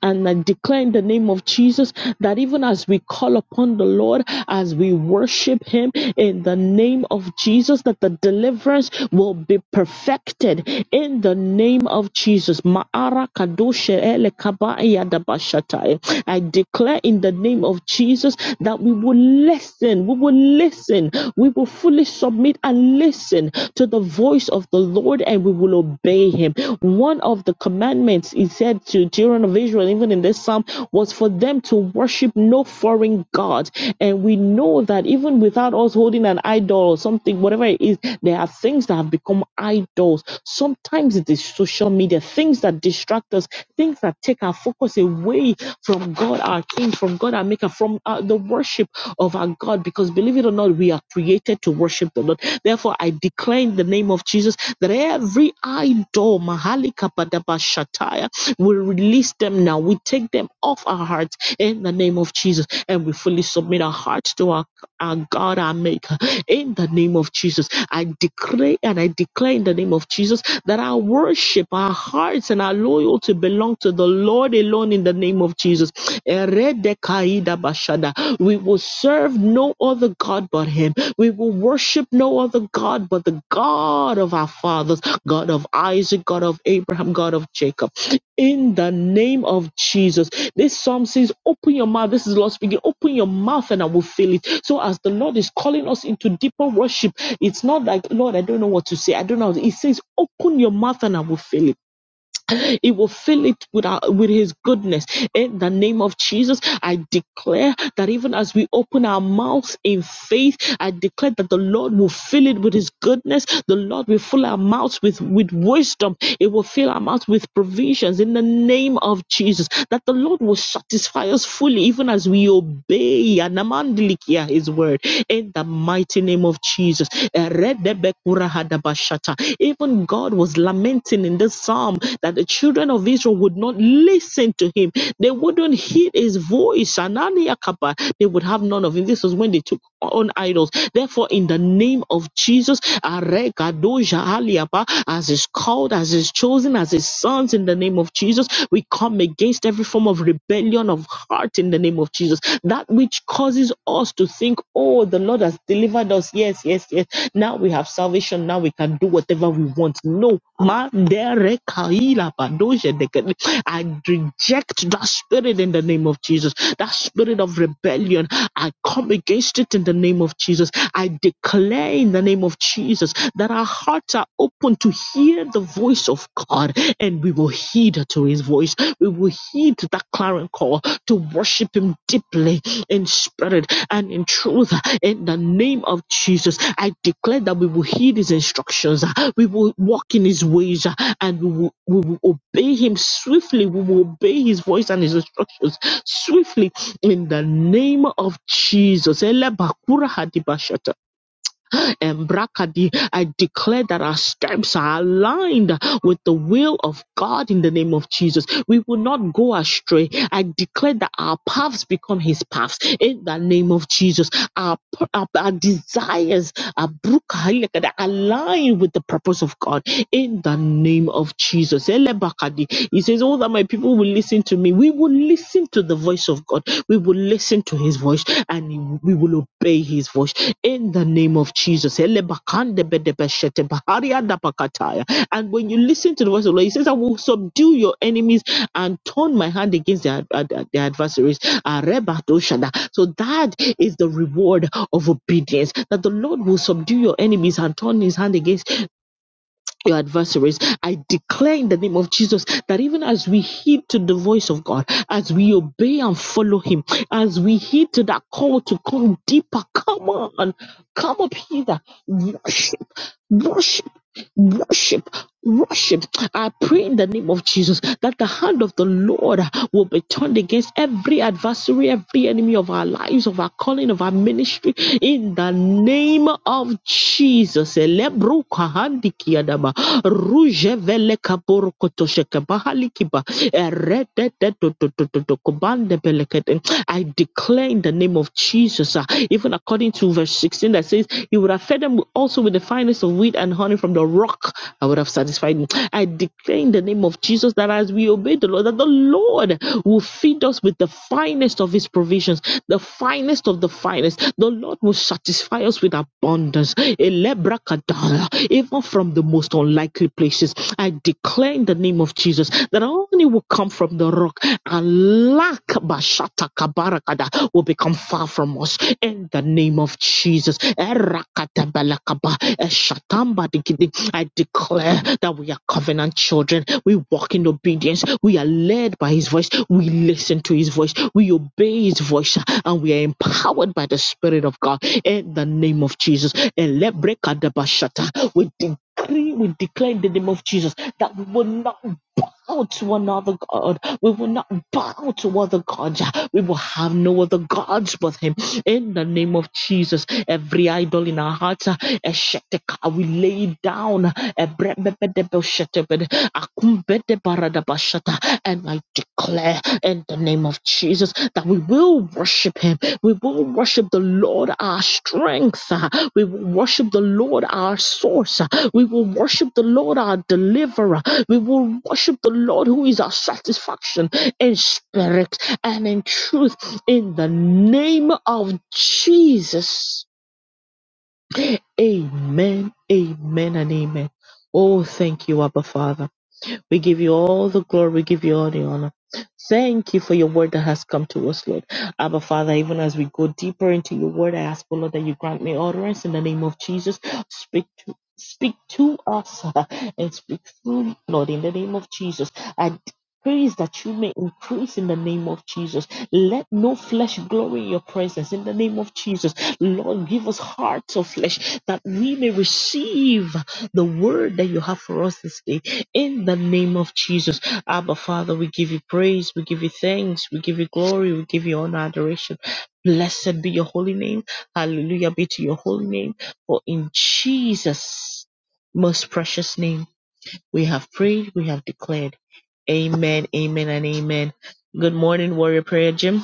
Speaker 1: and I declare in the name of Jesus that even as we call upon the Lord, as we worship Him in the name of Jesus, that the deliverance will be perfected in the name of Jesus. Ma'ara kadoshe ele kabaya dabashatai. I declare in the name of Jesus that we will listen, we will listen, we will fully submit and and listen to the voice of the Lord and we will obey him. One of the commandments he said to children of Israel, even in this psalm, was for them to worship no foreign God. And we know that even without us holding an idol or something, whatever it is, there are things that have become idols. Sometimes it is social media, things that distract us, things that take our focus away from God, our King, from God, our Maker, from uh, the worship of our God because believe it or not, we are created to worship the Lord. Therefore, I declare in the name of Jesus that every idol, Mahali Kapadaba Shataya, will release them now. We take them off our hearts in the name of Jesus and we fully submit our hearts to our our God, our Maker. In the name of Jesus, I decree and I declare in the name of Jesus that our worship, our hearts, and our loyalty belong to the Lord alone in the name of Jesus. eredekaidabashada, We will serve no other God but Him. We will worship no other God but the God of our fathers, God of Isaac, God of Abraham, God of Jacob in the name of Jesus. This psalm says, Open your mouth. This is Lord speaking. Open your mouth and I will fill it. So, as the Lord is calling us into deeper worship, it's not like, Lord, I don't know what to say. I don't know. He says, Open your mouth and I will fill it. It will fill it with, our, with His goodness. In the name of Jesus, I declare that even as we open our mouths in faith, I declare that the Lord will fill it with His goodness. The Lord will fill our mouths with, with wisdom it will fill our mouth with provisions in the name of Jesus. That the Lord will satisfy us fully, even as we obey Anamandilikia, His word. In the mighty name of Jesus. Even God was lamenting in this psalm that the children of Israel would not listen to Him, they wouldn't heed His voice Isanani Akaba, they would have none of him. This was when they took on idols. Therefore, in the name of Jesus, Aregadoja Aliaba, as is called, as is chosen, as his sons, in the name of Jesus, we come against every form of rebellion of heart in the name of Jesus. That which causes us to think, oh, the Lord has delivered us. Yes, yes, yes now we have salvation. Now we can do whatever we want. No. Mandere kaila badoje I reject that spirit in the name of Jesus. That spirit of rebellion. I come against it in the name of Jesus. I declare in the name of Jesus that our hearts are open to hear the voice of God and we will heed to his voice. We will heed that clarion call to worship him deeply in spirit and in truth. uh, In the name of Jesus, I declare that we will heed his instructions, uh, we will walk in his ways, uh, and we will, we will obey him swiftly. We will obey his voice and his instructions swiftly in the name of Jesus. Elebakura hadibashata. And I declare that our steps are aligned with the will of God in the name of Jesus. We will not go astray. I declare that our paths become His paths in the name of Jesus. Our, our, our desires are brukahilekada, aligned with the purpose of God in the name of Jesus. Elebakadi. He says, Oh, that my people will listen to me. We will listen to the voice of God. We will listen to His voice and we will obey His voice in the name of Jesus. And when you listen to the voice of the Lord, He says, I will subdue your enemies and turn my hand against their, ad- their adversaries. So that is the reward of obedience, that the Lord will subdue your enemies and turn His hand against your adversaries. I declare in the name of Jesus that even as we heed to the voice of God, as we obey and follow Him, as we heed to that call to come deeper, come on, come up hither, worship, worship, worship. Worship. I pray in the name of Jesus that the hand of the Lord will be turned against every adversary, every enemy of our lives, of our calling, of our ministry, in the name of Jesus. Elebruka handikiadaba rujevele kaborokotoshe kabahalikiba eredededodododokobandebelekete. I declare in the name of Jesus, uh, even according to verse 16 that says, You would have fed them also with the finest of wheat and honey from the rock. I would have satisfied them. I declare in the name of Jesus that as we obey the Lord, that the Lord will feed us with the finest of his provisions the finest of the finest. The Lord will satisfy us with abundance, Elebrakadala, even from the most unlikely places. I declare in the name of Jesus that only will come from the rock, and lack bashata kabarakada will become far from us in the name of Jesus. Erakatabalakaba, eshatambadikidi. I declare that we are covenant children. We walk in obedience. We are led by His voice. We listen to His voice. We obey His voice and we are empowered by the Spirit of God in the name of Jesus. Elebrekadabashata. We decree, we declare in the name of Jesus that we will not bow to another God. We will not bow to other gods. We will have no other gods but Him. In the name of Jesus, every idol in our hearts, uh, esheteka, we lay it down. Ebrebebedebeshetebede, akumbedebaradabashata, And I declare in the name of Jesus that we will worship Him. We will worship the Lord our strength. uh, We will worship the Lord our source. uh, We will worship the Lord our deliverer. We will worship the Lord who is our satisfaction in spirit and in truth in the name of Jesus. Amen, amen, and amen. Oh, thank you, Abba Father. We give you all the glory. We give you all the honor. Thank you for your word that has come to us, Lord. Abba, Father, even as we go deeper into your word, I ask, oh Lord, that you grant me utterance in the name of Jesus. Speak to Speak to us uh, and speak through, Lord, in the name of Jesus. I praise that you may increase in the name of Jesus. Let no flesh glory in your presence in the name of Jesus. Lord, give us hearts of flesh that we may receive the word that you have for us this day in the name of Jesus, Abba Father, we give you praise, we give you thanks, we give you glory, we give you honor, adoration. Blessed be your holy name. Hallelujah be to your holy name. For in Jesus' most precious name, we have prayed, we have declared. Amen, amen, and amen. Good morning, Warrior Prayer Gym.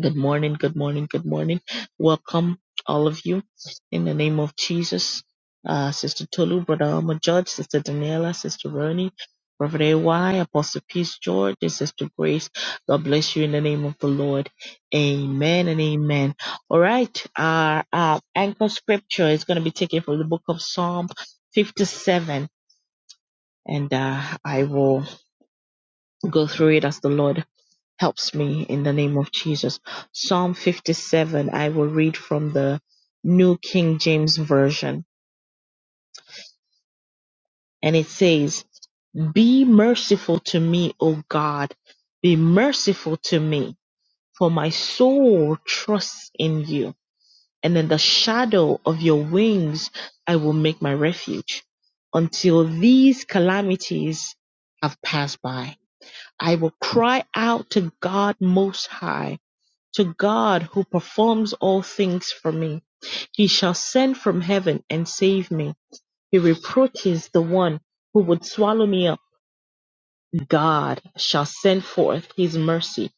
Speaker 1: Good morning, good morning, good morning. Welcome, all of you, in the name of Jesus. Uh, Sister Tolu, Brother Alma Judge, Sister Daniela, Sister Vernie, Prophet AY, Apostle Peace George, and Sister Grace. God bless you in the name of the Lord. Amen and amen. All right, our uh, anchor scripture is going to be taken from the book of Psalm 57, and uh, I will go through it as the Lord helps me in the name of Jesus. Psalm 57, I will read from the New King James Version. And it says, Be merciful to me, O God. Be merciful to me, for my soul trusts in you. And in the shadow of your wings, I will make my refuge. Until these calamities have passed by, I will cry out to God Most High To God who performs all things for me. He shall send from heaven and save me. He reproaches the one who would swallow me up. God shall send forth his mercy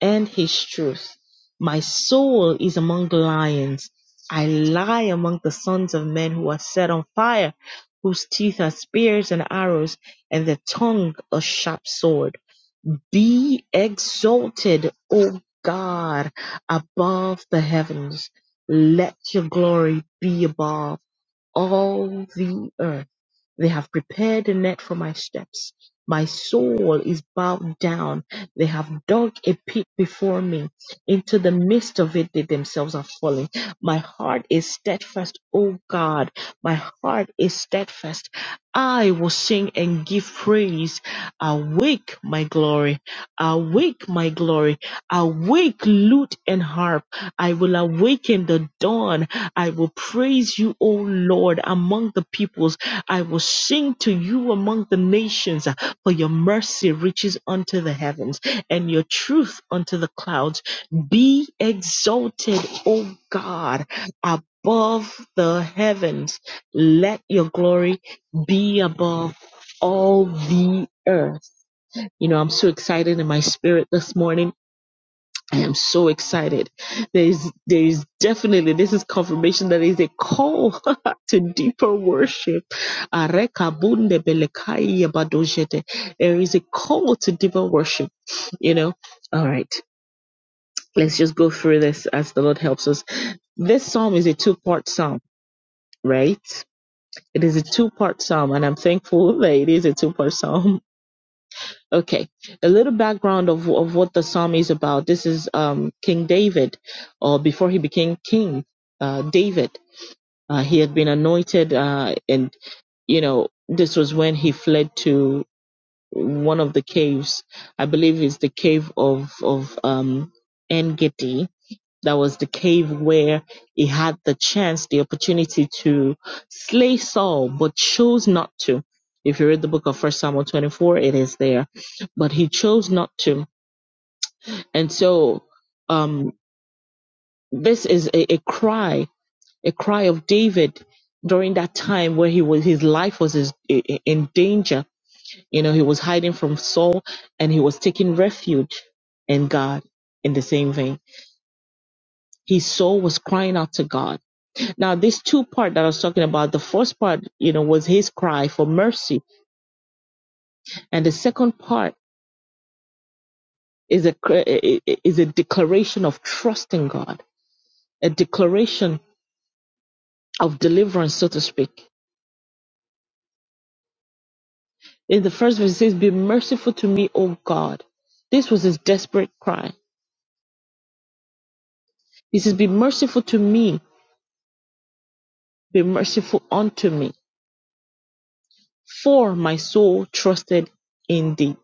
Speaker 1: and his truth. My soul is among lions. I lie among the sons of men who are set on fire, whose teeth are spears and arrows, and their tongue a sharp sword. Be exalted, O God, above the heavens. Let your glory be above all the earth. They have prepared a net for my steps. My soul is bowed down. They have dug a pit before me. Into the midst of it, they themselves are falling. My heart is steadfast, O God. My heart is steadfast. I will sing and give praise. Awake, my glory. Awake, my glory. Awake, lute and harp. I will awaken the dawn. I will praise you, O Lord, among the peoples. I will sing to you among the nations, uh, for your mercy reaches unto the heavens and your truth unto the clouds. Be exalted, O God, above the heavens. Let your glory be above all the earth. You know, I'm so excited in my spirit this morning I am so excited. There is, there is definitely, this is confirmation that is a call <laughs> to deeper worship. Arekabunde belekai abadojete. There is a call to deeper worship, you know? All right. Let's just go through this as the Lord helps us. This psalm is a two part psalm, right? It is a two part psalm, and I'm thankful <laughs> that it is a two part psalm Okay, a little background of, of what the psalm is about. This is um, King David, or before he became king, uh, David. Uh, he had been anointed, uh, and you know this was when he fled to one of the caves. I believe it's the cave of of um, En Gedi that was the cave where he had the chance, the opportunity to slay Saul, but chose not to. If you read the book of First Samuel 24, it is there, but he chose not to. And so, um, this is a, a cry, a cry of David during that time where he was, his life was is- in danger. You know, he was hiding from Saul and he was taking refuge in God in the same vein. His soul was crying out to God Now, this two part that I was talking about, the first part, you know, was his cry for mercy, and the second part is a is a declaration of trust in God, a declaration of deliverance, so to speak. In the first verse, it says, "Be merciful to me, O God." This was his desperate cry. He says, "Be merciful to me, be merciful unto me, for my soul trusted in thee."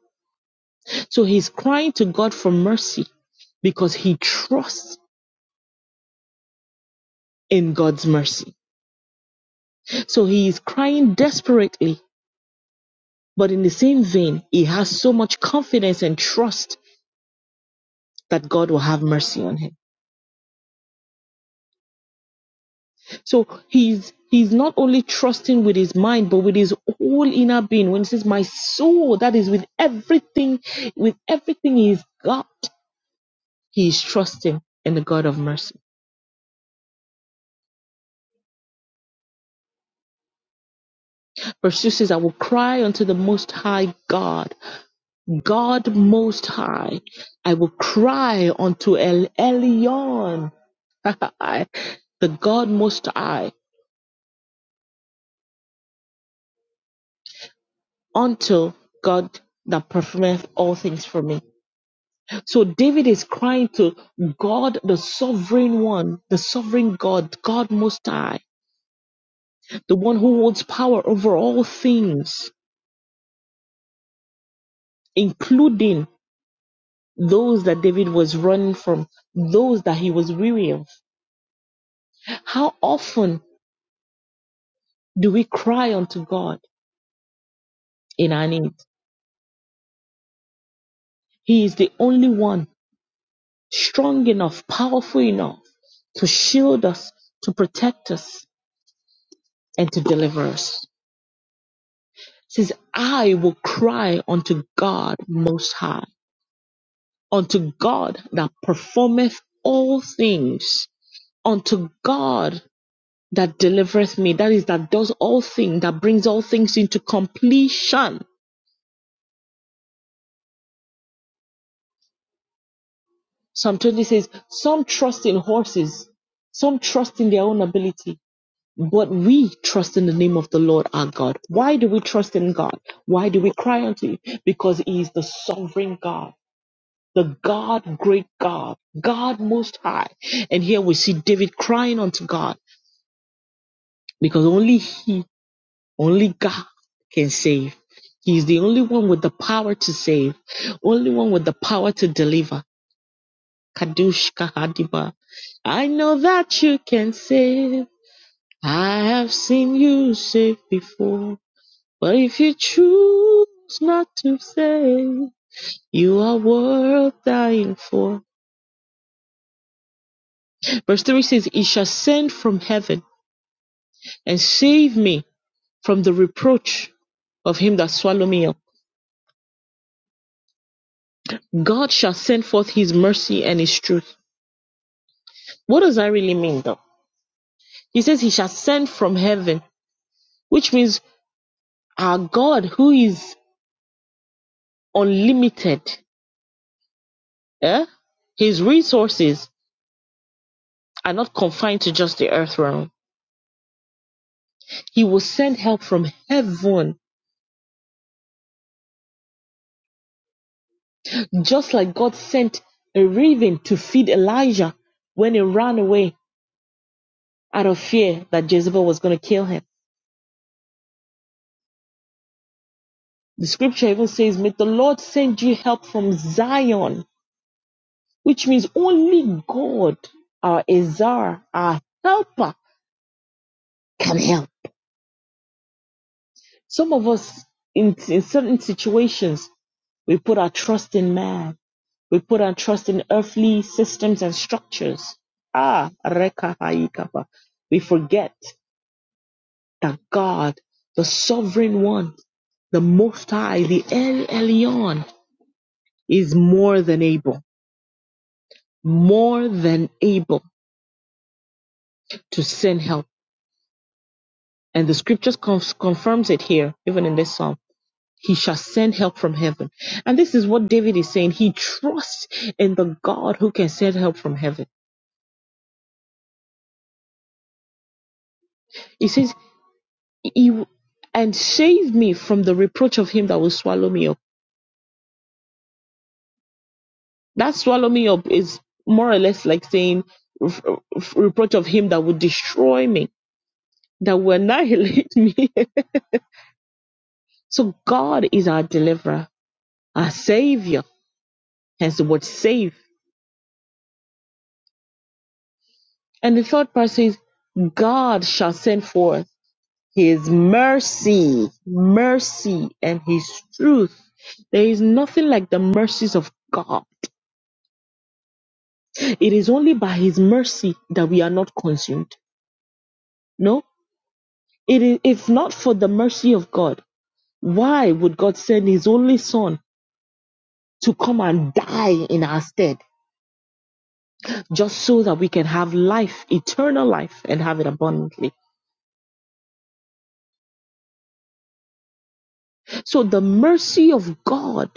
Speaker 1: So he's crying to God for mercy because he trusts in God's mercy So he is crying desperately, but in the same vein, he has so much confidence and trust that God will have mercy on him. So he's he's not only trusting with his mind, but with his whole inner being. When he says, "My soul," that is with everything, with everything he's got, he is trusting in the God of mercy. Verse two says, "I will cry unto the Most High God." God Most High. I will cry unto El Elyon, <laughs> the God Most High, unto God that performeth all things for me. So David is crying to God, the sovereign one, the sovereign God, God Most High, the one who holds power over all things, including those that David was running from, those that he was weary of. How often do we cry unto God? in our needs. He is the only one strong enough, powerful enough to shield us, to protect us, and to deliver us. It says, I will cry unto God most high, unto God that performeth all things, unto God that delivereth me, that is, that does all things, that brings all things into completion. Psalm 20 says, Some trust in horses, some trust in their own ability, But we trust in the name of the Lord our God. Why do we trust in God? Why do we cry unto Him? Because He is the sovereign God, the God, great God, God most high. And here we see David crying unto God because only He, only God can save. He is the only one with the power to save, only one with the power to deliver. Kadush Kahadiba. I know that you can save. I have seen you save before. But if you choose not to say, you are worth dying for. Verse 3 says, He shall send from heaven and save me from the reproach of him that swallow me up. God shall send forth his mercy and his truth. What does that really mean though? He says he shall send from heaven, which means our God who is unlimited, eh? his resources are not confined to just the earth realm. He will send help from heaven Just like God sent a raven to feed Elijah when he ran away out of fear that Jezebel was going to kill him. The scripture even says, May the Lord send you help from Zion, which means only God, our Azar, our helper, can help. Some of us in, in certain situations, we put our trust in man. We put our trust in earthly systems and structures. Ah, reka haikapa. We forget that God, the sovereign one, the most high, the El Elyon, is more than able, more than able to send help. And the scriptures conf- confirms it here, even in this psalm. He shall send help from heaven. And this is what David is saying. He trusts in the God who can send help from heaven. He says, he, and save me from the reproach of him that will swallow me up. That swallow me up is more or less like saying "Ref- ref- reproach of him that would destroy me, that will annihilate <laughs> me. so God is our deliverer, our savior, hence the word save. And the third part says, God shall send forth his mercy, mercy, and his truth. There is nothing like the mercies of God. It is only by his mercy that we are not consumed. No, it is, if not for the mercy of God, Why would God send His only Son to come and die in our stead just so that we can have life, eternal life, and have it abundantly? So the mercy of God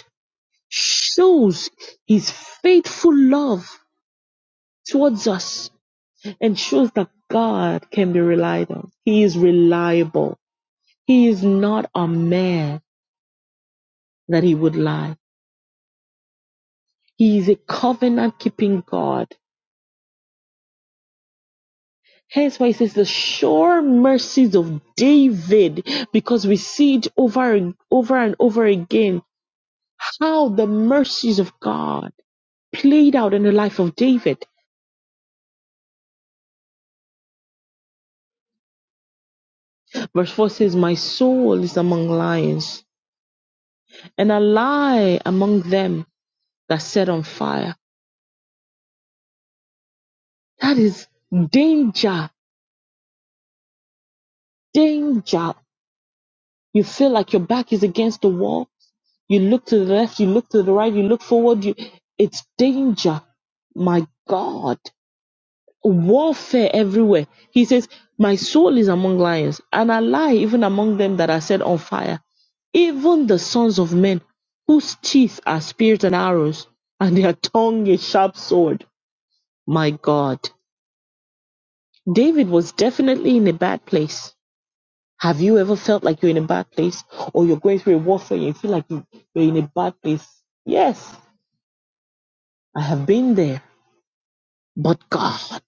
Speaker 1: shows His faithful love towards us and shows that God can be relied on. He is reliable. He is not a man that He would lie. He is a covenant keeping God Hence why it says the sure mercies of David, because we see it over and over and over again how the mercies of God played out in the life of David. Verse 4 says, My soul is among lions, and I lie among them that set on fire. That is danger, danger. You feel like your back is against the wall. You look to the left, you look to the right, you look forward, you it's danger. My God. warfare everywhere. He says, My soul is among lions, and I lie even among them that are set on fire, even the sons of men, whose teeth are spears and arrows, and their tongue a sharp sword. My God. David was definitely in a bad place. Have you ever felt like you're in a bad place or you're going through a warfare and you feel like you- you're in a bad place? Yes, I have been there. But God,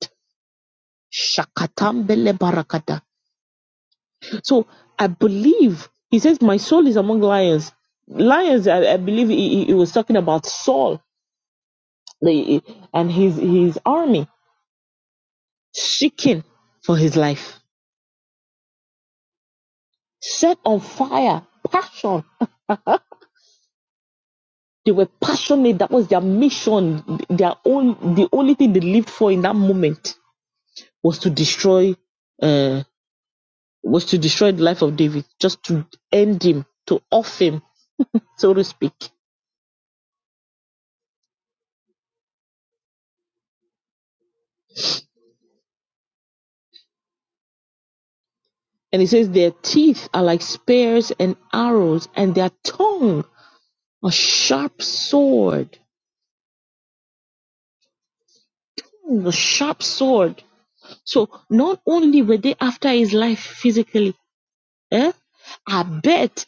Speaker 1: Shakatambele So I believe he says, "My soul is among lions." Lions, I, I believe he, he he was talking about Saul the, and his his army seeking for his life, set on fire, passion. They were passionate. That was their mission. Their own, the only thing they lived for in that moment was to destroy, uh, was to destroy the life of David, just to end him, to off him, so to speak. And it says, Their teeth are like spears and arrows, and their tongue a sharp sword. Mm, A sharp sword. So not only were they after his life physically, eh? I bet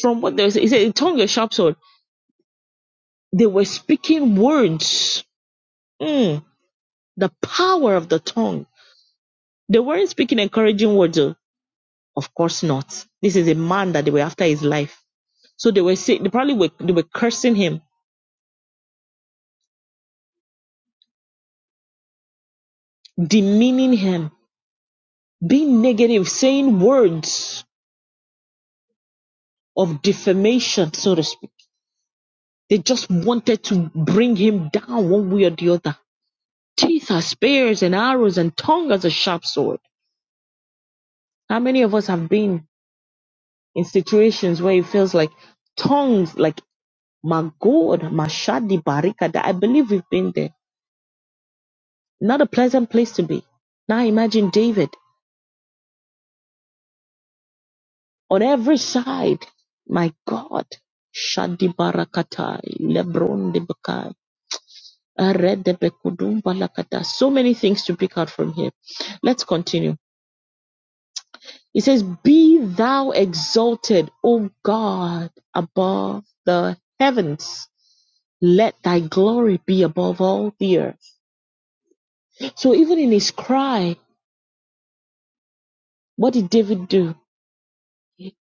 Speaker 1: from what they said, he said, tongue a sharp sword. They were speaking words. Mm, the power of the tongue. They weren't speaking encouraging words. oh. Of course not. This is a man that they were after his life. So they were saying, they probably were, they were cursing him, demeaning him Being negative, saying words of defamation, so to speak. They just wanted to bring him down one way or the other. Teeth are spears and arrows, and tongue as a sharp sword. How many of us have been in situations where it feels like tongues, like my God, Mashadi Barikada? I believe we've been there. Not a pleasant place to be. Now imagine David on every side. My God. Shadi Barakatai, Lebron de So many things to pick out from here. Let's continue. It says, Be thou exalted, O God, above the heavens. Let thy glory be above all the earth. So even in his cry, what did David do?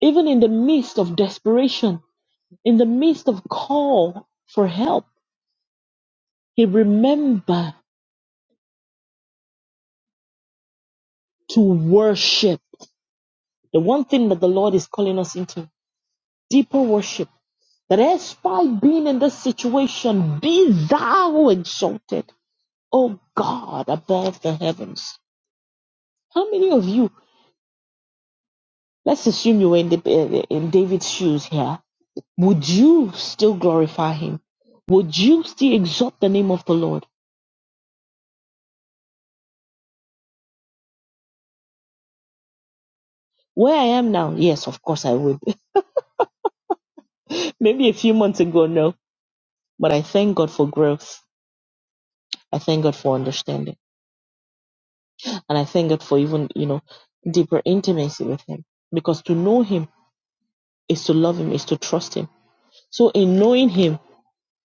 Speaker 1: Even in the midst of desperation, in the midst of call for help, he remembered to worship. The one thing that the Lord is calling us into deeper worship that as by being in this situation, be thou exalted, O God, above the heavens. How many of you, let's assume you were in, the, eh, in David's shoes here, would you still glorify him? Would you still exalt the name of the Lord? Where I am now, yes, of course I would. <laughs> Maybe a few months ago, no, but I thank God for growth. I thank God for understanding. And I thank God for even, you know, deeper intimacy with him. Because to know him is to love him, is to trust him So in knowing him,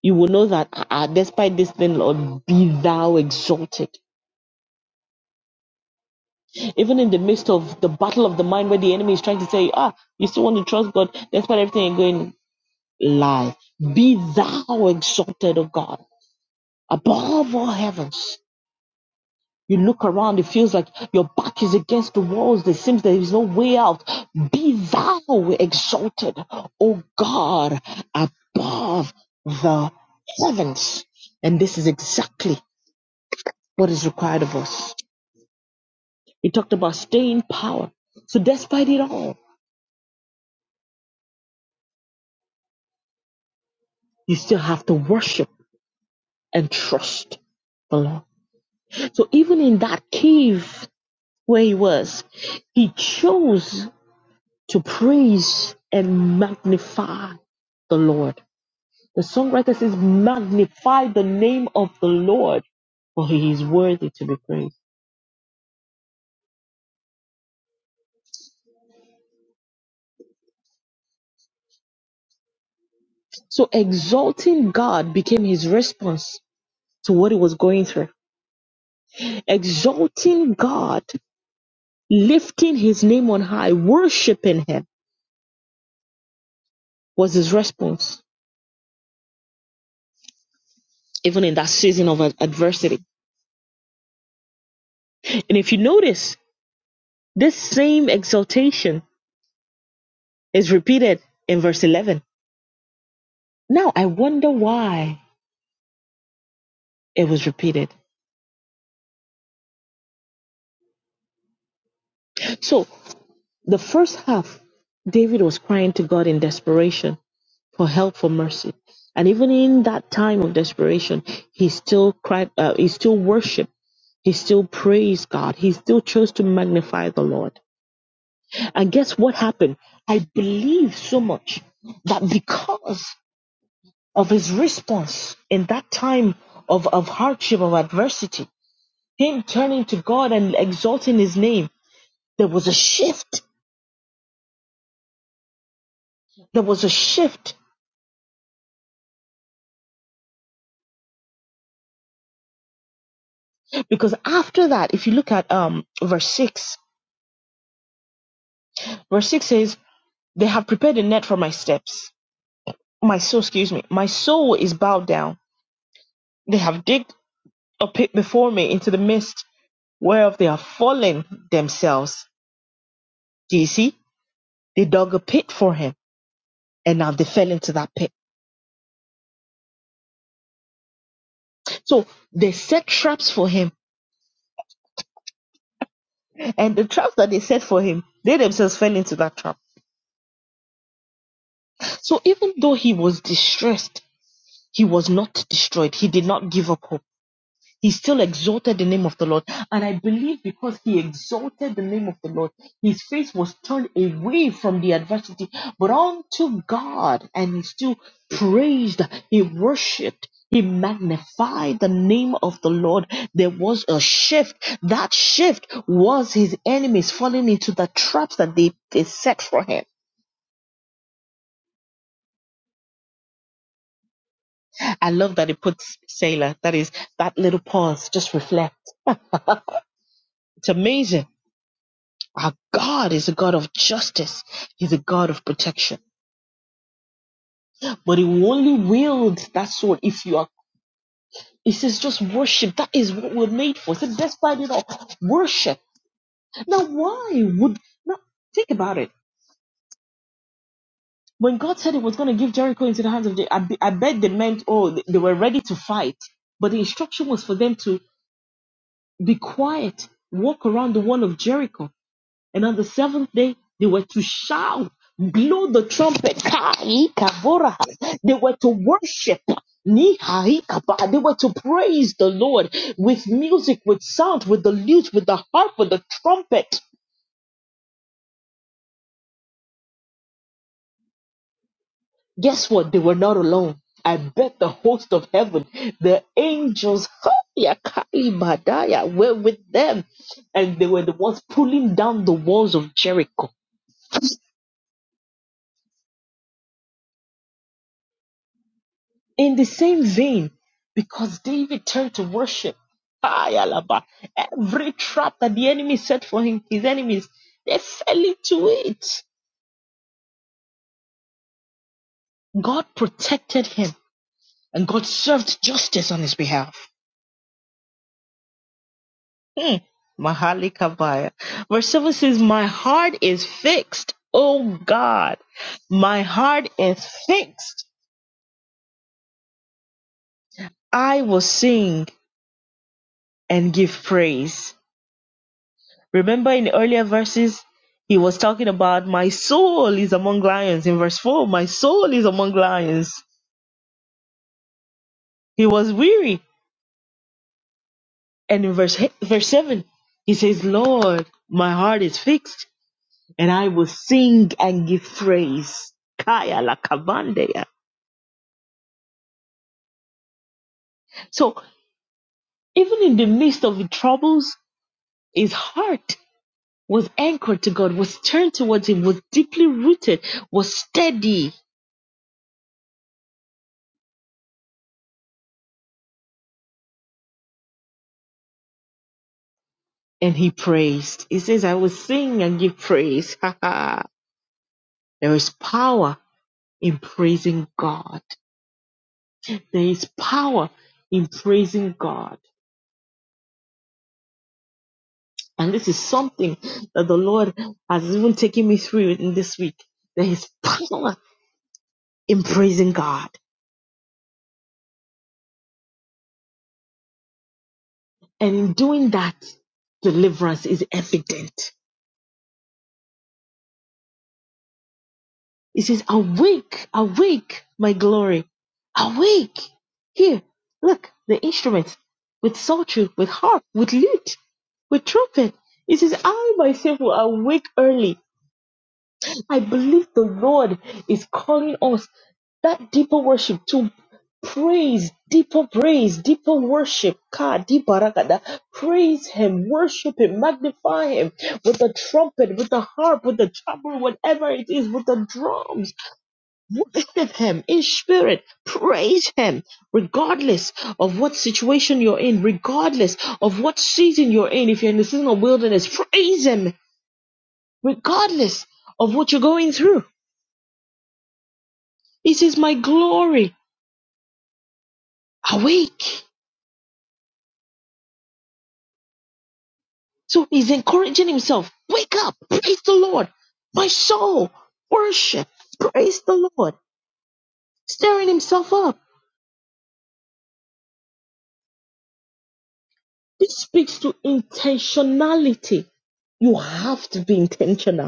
Speaker 1: you will know that "Ah, despite this thing, Lord, be thou exalted. Even in the midst of the battle of the mind where the enemy is trying to say, ah, you still want to trust God despite everything you're going, lie. Be thou exalted, O God, above all heavens. You look around, it feels like your back is against the walls. It seems there is no way out. Be thou exalted, O God, above the heavens. And this is exactly what is required of us. He talked about staying power. So despite it all, you still have to worship and trust the Lord. So even in that cave where he was, he chose to praise and magnify the Lord. The songwriter says, magnify the name of the Lord, for he is worthy to be praised. So exalting God became his response to what he was going through. Exalting God Lifting his name on high, worshiping him was his response, even in that season of adversity. And if you notice, this same exaltation is repeated in verse 11. Now I wonder why it was repeated. So the first half, David was crying to God in desperation for help, for mercy. And even in that time of desperation, he still cried, uh, he still worshiped, he still praised God, he still chose to magnify the Lord. And guess what happened? I believe so much that because of his response in that time of, of hardship, of adversity, him turning to God and exalting his name, there was a shift. There was a shift. Because after that, if you look at um verse six, verse six says, They have prepared a net for my steps. My soul, excuse me, my soul is bowed down. They have digged a pit before me into the mist whereof they have fallen themselves. Do you see? They dug a pit for him and now they fell into that pit. So they set traps for him and the traps that they set for him, they themselves fell into that trap. So even though he was distressed, he was not destroyed. He did not give up hope He still exalted the name of the Lord. And I believe because he exalted the name of the Lord, his face was turned away from the adversity, but unto God. And he still praised, he worshiped, he magnified the name of the Lord. There was a shift. That shift was his enemies falling into the traps that they, they set for him. I love that it puts Sailor, that is, that little pause, just reflect. It's amazing Our God is a God of justice. He's a God of protection. But he will only wield that sword if you are. It says, just worship. That is what we're made for. So despite it all, worship. Now, why would. Now, think about it. When God said he was going to give Jericho into the hands of the. I, be- I bet they meant, oh, they they were ready to fight. But the instruction was for them to be quiet, walk around the wall of Jericho. And on the seventh day, they were to shout, blow the trumpet. Kai kavora. They were to worship. Ni hai kapa. They were to praise the Lord with music, with sound, with the lute, with the harp, with the trumpet. Guess what? They were not alone. I bet the host of heaven, the angels, Haya Kali Madaya, were with them. And they were the ones pulling down the walls of Jericho In the same vein, because David turned to worship, ay, alaba, every trap that the enemy set for him, his enemies, they fell into it. God protected him and God served justice on his behalf. Hmm. Mahali Kabaya. Verse 7 says, My heart is fixed, O God. My heart is fixed. I will sing and give praise. Remember in earlier verses, he was talking about my soul is among lions. In verse 4, my soul is among lions. He was weary. And in verse, verse 7, he says, Lord, my heart is fixed and I will sing and give praise. Kaya la kabandeya. So even in the midst of the troubles, his heart was anchored to God, was turned towards him, was deeply rooted, was steady and he praised. He says, I will sing and give praise. <laughs> there is power in praising God. There is power in praising God. And this is something that the Lord has even taken me through in this week. There is power in praising God. And in doing that, deliverance is evident. He says, Awake, awake, my glory, awake. Here, look, the instruments with psaltery, with harp, with lute, with trumpet. He says, I myself will awake early. I believe the Lord is calling us that deeper worship to praise, deeper praise, deeper worship. Ka di barakada. Praise Him, worship Him, magnify Him with the trumpet, with the harp, with the tabor, whatever it is, with the drums Worship Him in spirit. Praise Him regardless of what situation you're in, regardless of what season you're in. If you're in the season of wilderness, praise Him regardless of what you're going through. He says, My glory, awake. So He's encouraging Himself. Wake up. Praise the Lord. My soul, worship. Praise the Lord. Stirring Himself up. This speaks to intentionality. You have to be intentional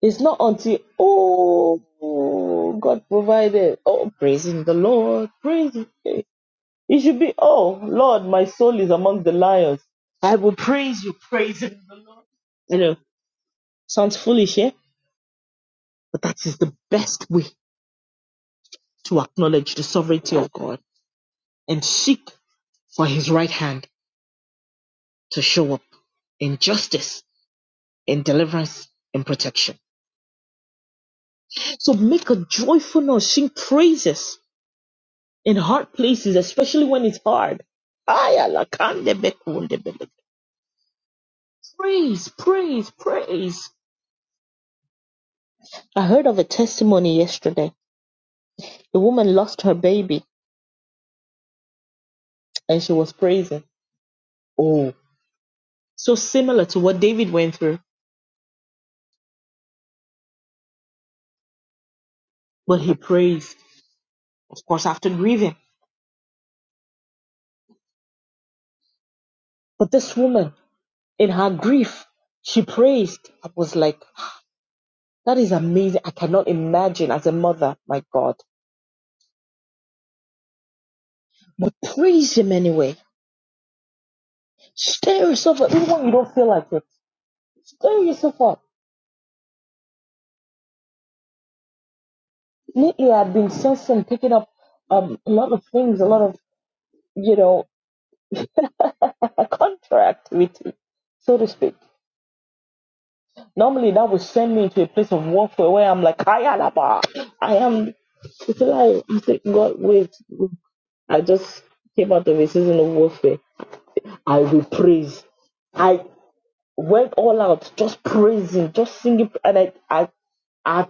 Speaker 1: It's not until, oh, God provided. Oh, praising the Lord. praising It should be, oh, Lord, my soul is among the lions. I will praise you, praising the Lord. You know, sounds foolish, yeah? But that is the best way to acknowledge the sovereignty of God and seek for His right hand to show up in justice, in deliverance, in protection. So make a joyful noise, sing praises in hard places, especially when it's hard. Aya, lakande bekunde bele- Praise, praise, praise. I heard of a testimony yesterday. The woman lost her baby and she was praising. Oh, so similar to what David went through, but he praised, of course, after grieving. But this woman, in her grief, she praised. I was like, that is amazing. I cannot imagine as a mother, my God. But praise him anyway. Stir yourself up, even when you don't feel like it stir yourself up. Lately, I've been sensing picking up um, a lot of things, a lot of, you know, <laughs> contractivity, so to speak. Normally, that would send me into a place of warfare where I'm like, Kayalaba, I am. It's like, I say, God, wait. I just came out of a season of warfare. I will praise. I went all out, just praising, just singing. And I, I, I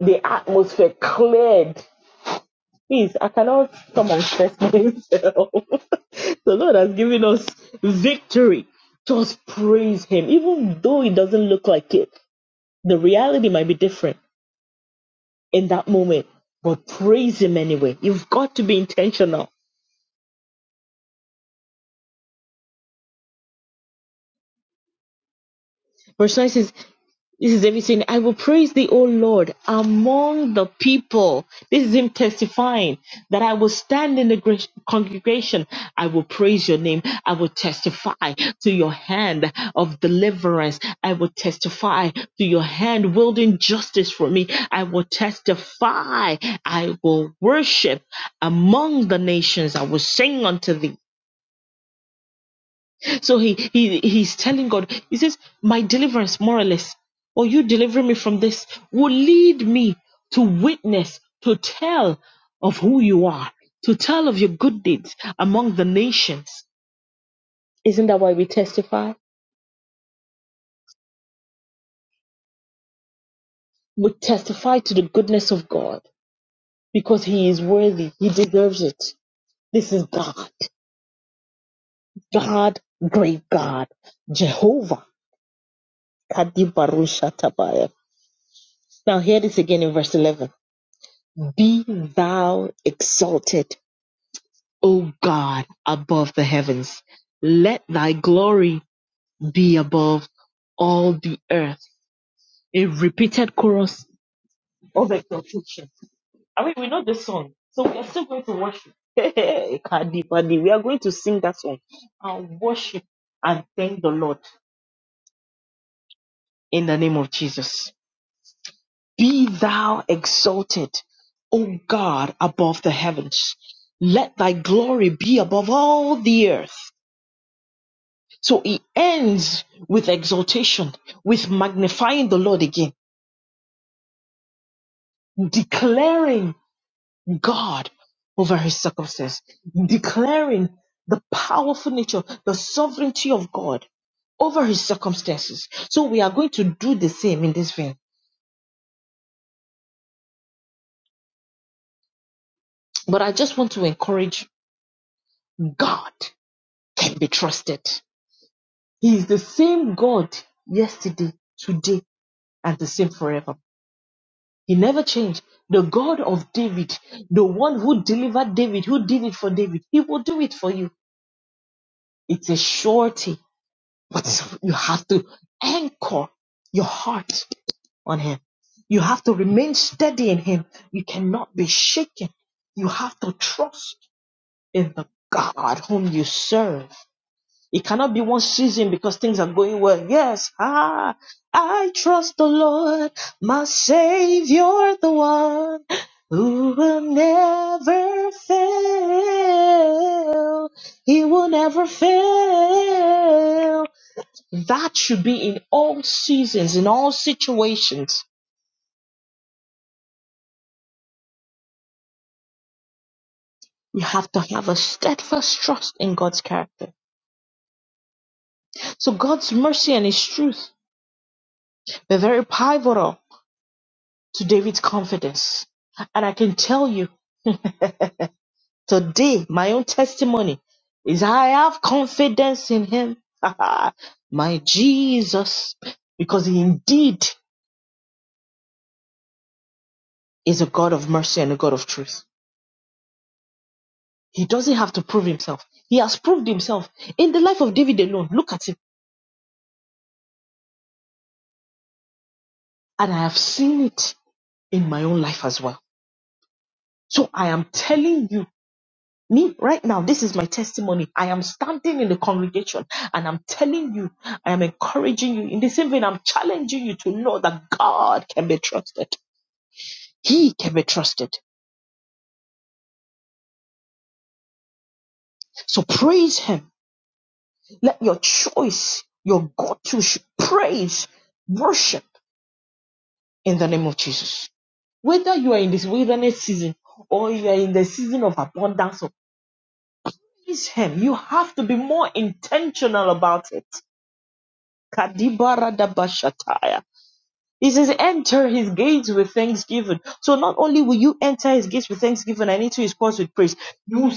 Speaker 1: the atmosphere cleared Please, I cannot come and stress myself. <laughs> the Lord has given us victory. Just praise Him. Even though it doesn't look like it, the reality might be different in that moment, but praise Him anyway. You've got to be intentional. Verse 9 says, This is everything. I will praise thee, O Lord, among the people. This is him testifying that I will stand in the gre- congregation. I will praise your name. I will testify to your hand of deliverance. I will testify to your hand wielding justice for me. I will testify. I will worship among the nations. I will sing unto thee. So he he he's telling God, he says, My deliverance, more or less, or you delivering me from this will lead me to witness, to tell of who you are, to tell of your good deeds among the nations. Isn't that why we testify? We testify to the goodness of God because he is worthy, he deserves it. This is God, God, great God, Jehovah. Kadibarushatabaya. Now hear this again in verse 11. Be thou exalted, O God, above the heavens. Let thy glory be above all the earth. A repeated chorus of exaltation. I mean, we know this song, so we are still going to worship. <laughs> Hey, Kadi Badi, we are going to sing that song and worship and thank the Lord in the name of Jesus. Be thou exalted, O God, above the heavens. Let thy glory be above all the earth. So he ends with exaltation, with magnifying the Lord again, declaring God over his circumstance, declaring the powerful nature, the sovereignty of God over his circumstances. So we are going to do the same in this vein. But I just want to encourage God can be trusted. He is the same God yesterday, today, and the same forever. He never changed. The God of David, the one who delivered David, who did it for David, he will do it for you. It's a surety, but <laughs> you have to anchor your heart on him. You have to remain steady in him. You cannot be shaken. You have to trust in the God whom you serve. It cannot be one season because things are going well. Yes, ah, I trust the Lord, my Savior, the one who will never fail. He will never fail. That should be in all seasons, in all situations. You have to have a steadfast trust in God's character. So God's mercy and His truth were very pivotal to David's confidence. And I can tell you Today, my own testimony is I have confidence in him, <laughs> my Jesus, because he indeed is a God of mercy and a God of truth. He doesn't have to prove himself. He has proved himself in the life of David alone. Look at him. And I have seen it in my own life as well. So I am telling you, me right now, this is my testimony. I am standing in the congregation and I'm telling you, I am encouraging you. In the same vein, I'm challenging you to know that God can be trusted. He can be trusted. So praise Him. Let your choice, your go to praise, worship in the name of Jesus. Whether you are in this wilderness season or you are in the season of abundance, so praise Him. You have to be more intentional about it. Kadibaradabashataya. He says, enter his gates with thanksgiving. So not only will you enter his gates with thanksgiving and into his courts with praise, You.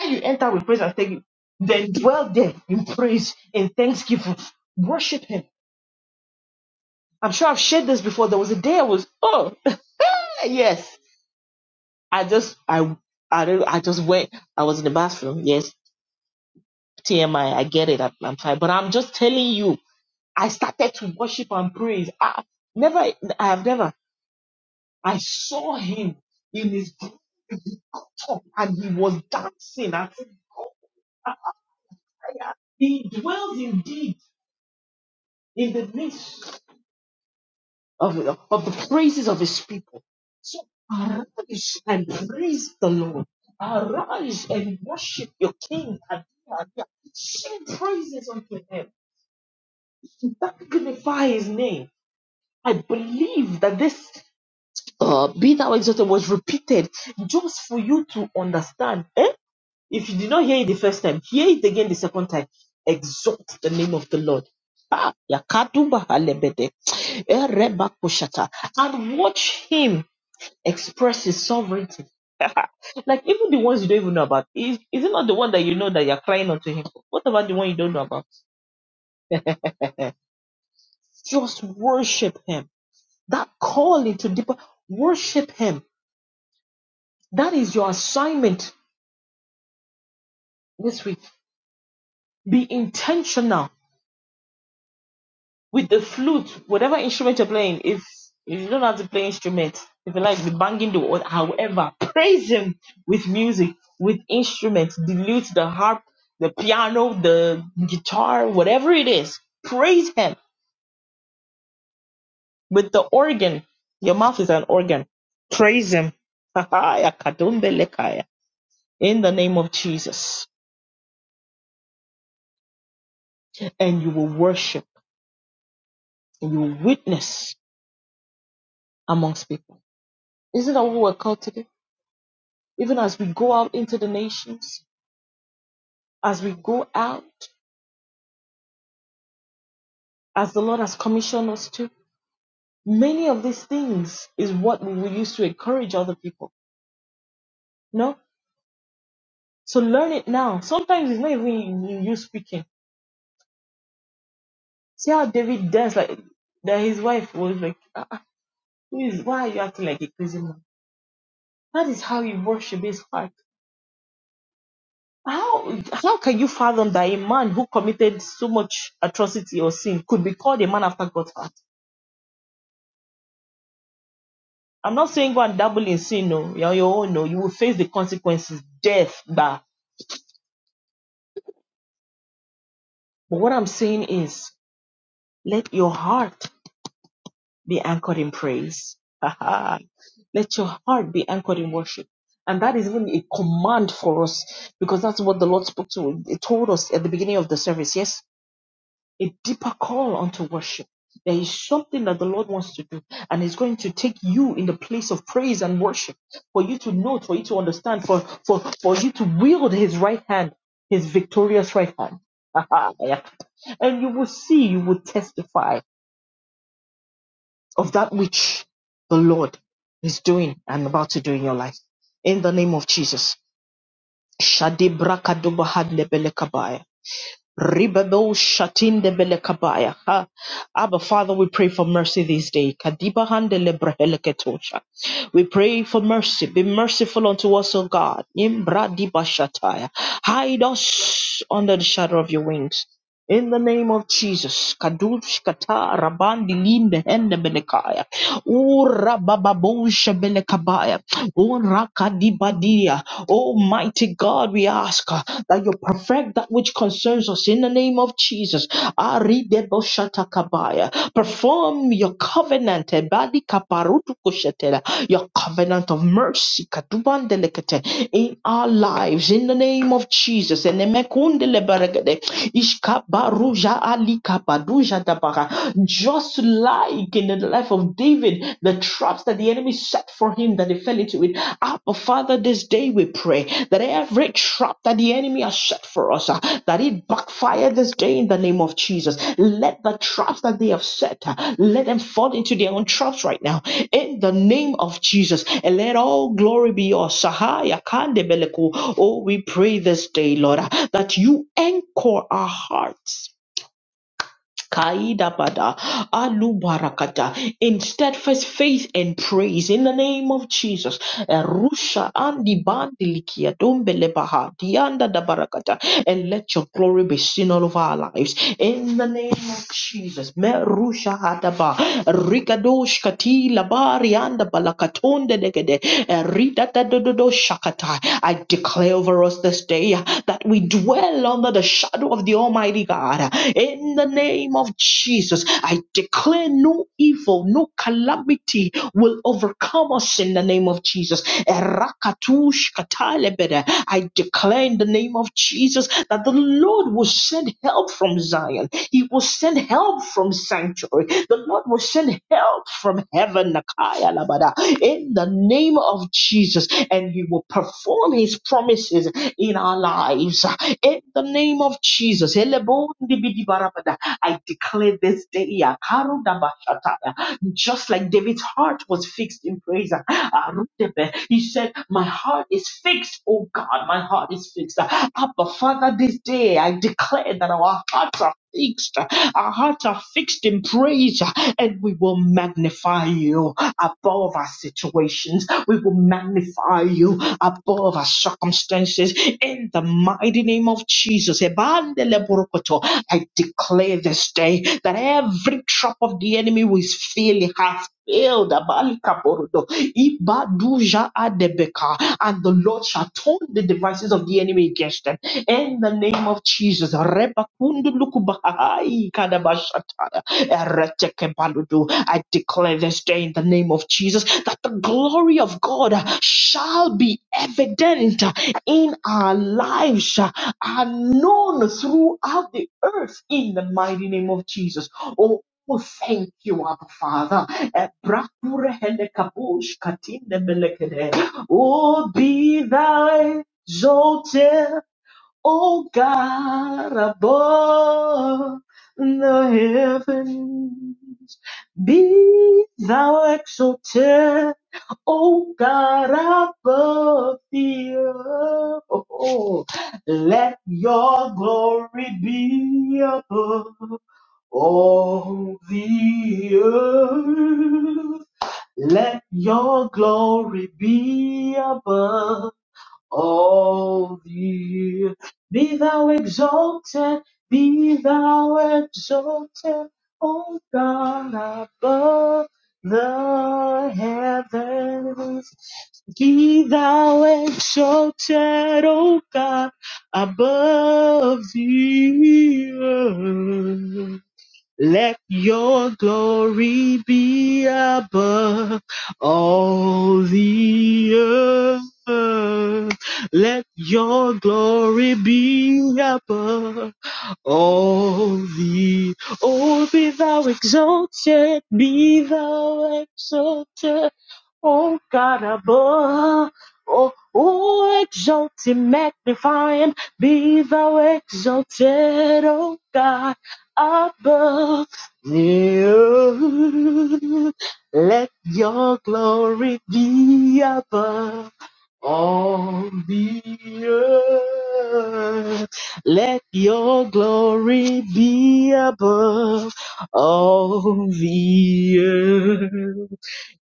Speaker 1: When you enter with praise and thanksgiving, then dwell there in praise and thanksgiving. Worship Him. I'm sure I've shared this before. There was a day I was, oh, <laughs> yes. I just, I, I, don't- I just went. I was in the bathroom. Yes, TMI. I I get it. I'm, I'm tired, but I'm just telling you. I started to worship and praise. I never, I have never. I saw Him in His glory. He got up and He was dancing. I said, "Ah, I- I- He dwells indeed in the midst. of, of the praises of his people. So arise and praise the Lord. Arise and worship your King. Adonai. Sing praises unto him. Magnify his name. I believe that this uh, be thou exalted was repeated just for you to understand. Eh? If you did not hear it the first time, hear it again the second time. Exalt the name of the Lord. Ah, Yakadu Bahalebede. Erebakoshata. And watch him express his sovereignty. Like even the ones you don't even know about. Is is it not the one that you know that you're crying unto him? for? What about the one you don't know about? <laughs> Just worship him. That call into deeper worship him. That is your assignment this week. Be intentional with the flute, whatever instrument you're playing, if if you don't have to play instruments, if you like the banging the or however, praise him with music, with instruments, the lute, the harp, the piano, the guitar, whatever it is, praise him with the organ. Your mouth is an organ. Praise him. <laughs> In the name of Jesus. And you will worship and you will witness amongst people. Isn't that what we're called to do? Even as we go out into the nations, as we go out, as the Lord has commissioned us to, many of these things is what we use to encourage other people. No, So learn it now. Sometimes it's not even in- you speaking. See how David danced like that his wife was like, "Ah, ah, who is why are you acting like a crazy man? That is how you worship his heart. How how can you fathom that a man who committed so much atrocity or sin could be called a man after God's heart? I'm not saying go and dabble in sin, no. You're on your own, no. You will face the consequences, death, bah. But what I'm saying is, let your heart be anchored in praise. <laughs> let your heart be anchored in worship. And that is even a command for us because that's what the Lord spoke to. He told us at the beginning of the service. Yes. a deeper call unto worship. There is something that the Lord wants to do, and He's going to take you in the place of praise and worship for you to know, for you to understand, for, for, for you to wield His right hand, His victorious right hand. <laughs> and you will see, you will testify of that which the Lord is doing and about to do in your life. In the name of Jesus. Ribabo shatinde belekabaya. Ha. Abba, Father, we pray for mercy this day. Kadiba hande lebreheleketosha. We pray for mercy. Be merciful unto us, O God. Imbra diba shataya. Hide us under the shadow of your wings. In the name of Jesus, Kadushkata Rabandi Linde Hende Belekaya, Ura Bababosha Belekabaya, Ura Kadibadia. Almighty God, we ask uh, that you perfect that which concerns us in the name of Jesus. Ari Deboshata Kabaya, perform your covenant, Ebadi Kaparutu Kushetela, your covenant of mercy, Kaduban Delekete, in in our lives in the name of Jesus. And emekundele beregede, ishkabaruja alikabaduja dabaga. Just like in the life of David, the traps that the enemy set for him that he fell into it. Abba, Father, this day we pray that every trap that the enemy has set for us, uh, that it backfire this day in the name of Jesus. Let the traps that they have set, uh, let them fall into their own traps right now in the name of Jesus. And let all glory be yours. Sahaya kandebeleku. Oh, we pray this day, Lord, that you anchor our hearts. Kaida bada, alu barakata, in steadfast faith and praise in the name of Jesus. Rusha andi bandi likia dombele baha dianda da barakata and let your glory be seen all over our lives. In the name of Jesus. Merusha hadaba. Rikadosh kati labari anda balakatonde degede. Ridatadodo shakata. I declare over us this day uh, that we dwell under the shadow of the Almighty God. In the name of Jesus, I declare no evil, no calamity will overcome us in the name of Jesus. Erakatush katalebede. I declare in the name of Jesus that the Lord will send help from Zion. He will send help from sanctuary. The Lord will send help from heaven Nakaya Labada, in the name of Jesus, and He will perform His promises in our lives. In the name of Jesus, Elebondibidibarabada, I declare this day, Yakaru Dabashata, just like David's heart was fixed in praise. He said, My heart is fixed, oh God, my heart is fixed. Abba, Father, this day I declare that our hearts are fixed. Our hearts are fixed in praise, and we will magnify you above our situations. We will magnify you above our circumstances in the mighty name of Jesus. Ebandeleborokoto. I declare this day that every trap of the enemy will fail, have failed. Abalikaborodo. Ibaduja adebeka. And the Lord shall turn the devices of the enemy against them in the name of Jesus. Repakundulukubahai kadabashatara, eretekebaludu. I declare this day in the name of Jesus that the glory of God shall be evident in our lives and known throughout the earth in the mighty name of Jesus. Oh, Oh, thank you, Abba Father. Eh, brakure hele kabush katinde melekede. Oh, be thou exalted Oh God above the heavens, be thou exalted, O God above the earth. Oh, Let your glory be above all the earth. Let your glory be above all the earth. Be thou exalted, be thou exalted, O God above the heavens. Be thou exalted, O God above the earth. Let your glory be above all the earth. Let your glory be above all the earth. Oh, be thou exalted, be thou exalted, oh God above. Oh, oh, exalted, him, magnify him, be thou exalted, oh God above the earth. Let your glory be above all the earth. Let your glory be above all the earth.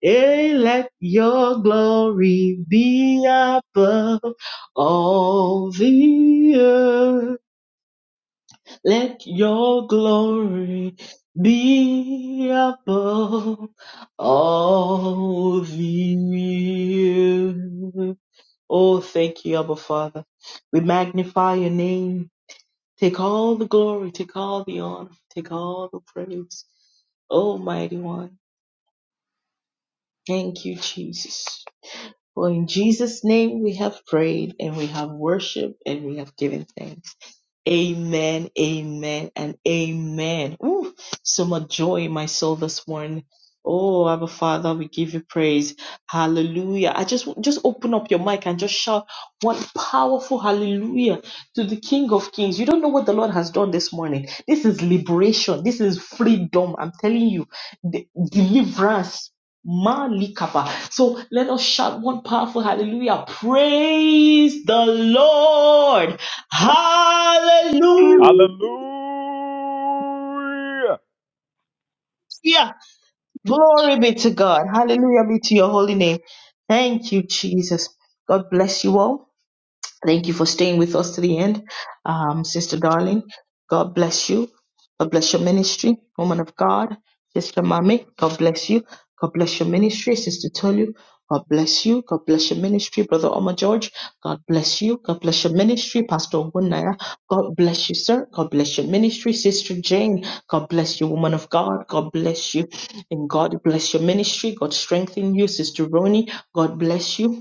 Speaker 1: Hey, let your glory be above all the earth. Let your glory be above all the earth. Oh, thank you, Abba Father. We magnify your name. Take all the glory, take all the honor, take all the praise. Almighty One, thank you, Jesus. For in Jesus' name we have prayed and we have worshiped and we have given thanks. Amen, amen, and amen. Ooh, so much joy in my soul this morning. Oh, Abba Father, we give you praise. Hallelujah. I just just open up your mic and just shout one powerful hallelujah to the King of Kings. You don't know what the Lord has done this morning. This is liberation. This is freedom. I'm telling you, de- deliverance. Malikapa. So let us shout one powerful hallelujah. Praise the Lord. Hallelujah.
Speaker 3: Hallelujah.
Speaker 1: Glory be to God. Hallelujah be to your holy name. Thank you, Jesus. God bless you all. Thank you for staying with us to the end, um, Sister Darling. God bless you. God bless your ministry, woman of God. Sister Mami, God bless you. God bless your ministry, Sister Tolu. God bless you. God bless your ministry, Brother Omar George. God bless you. God bless your ministry, Pastor Ogunaya. God bless you, sir. God bless your ministry, Sister Jane. God bless you, woman of God. God bless you. And God bless your ministry. God strengthen you, Sister Roni. God bless you.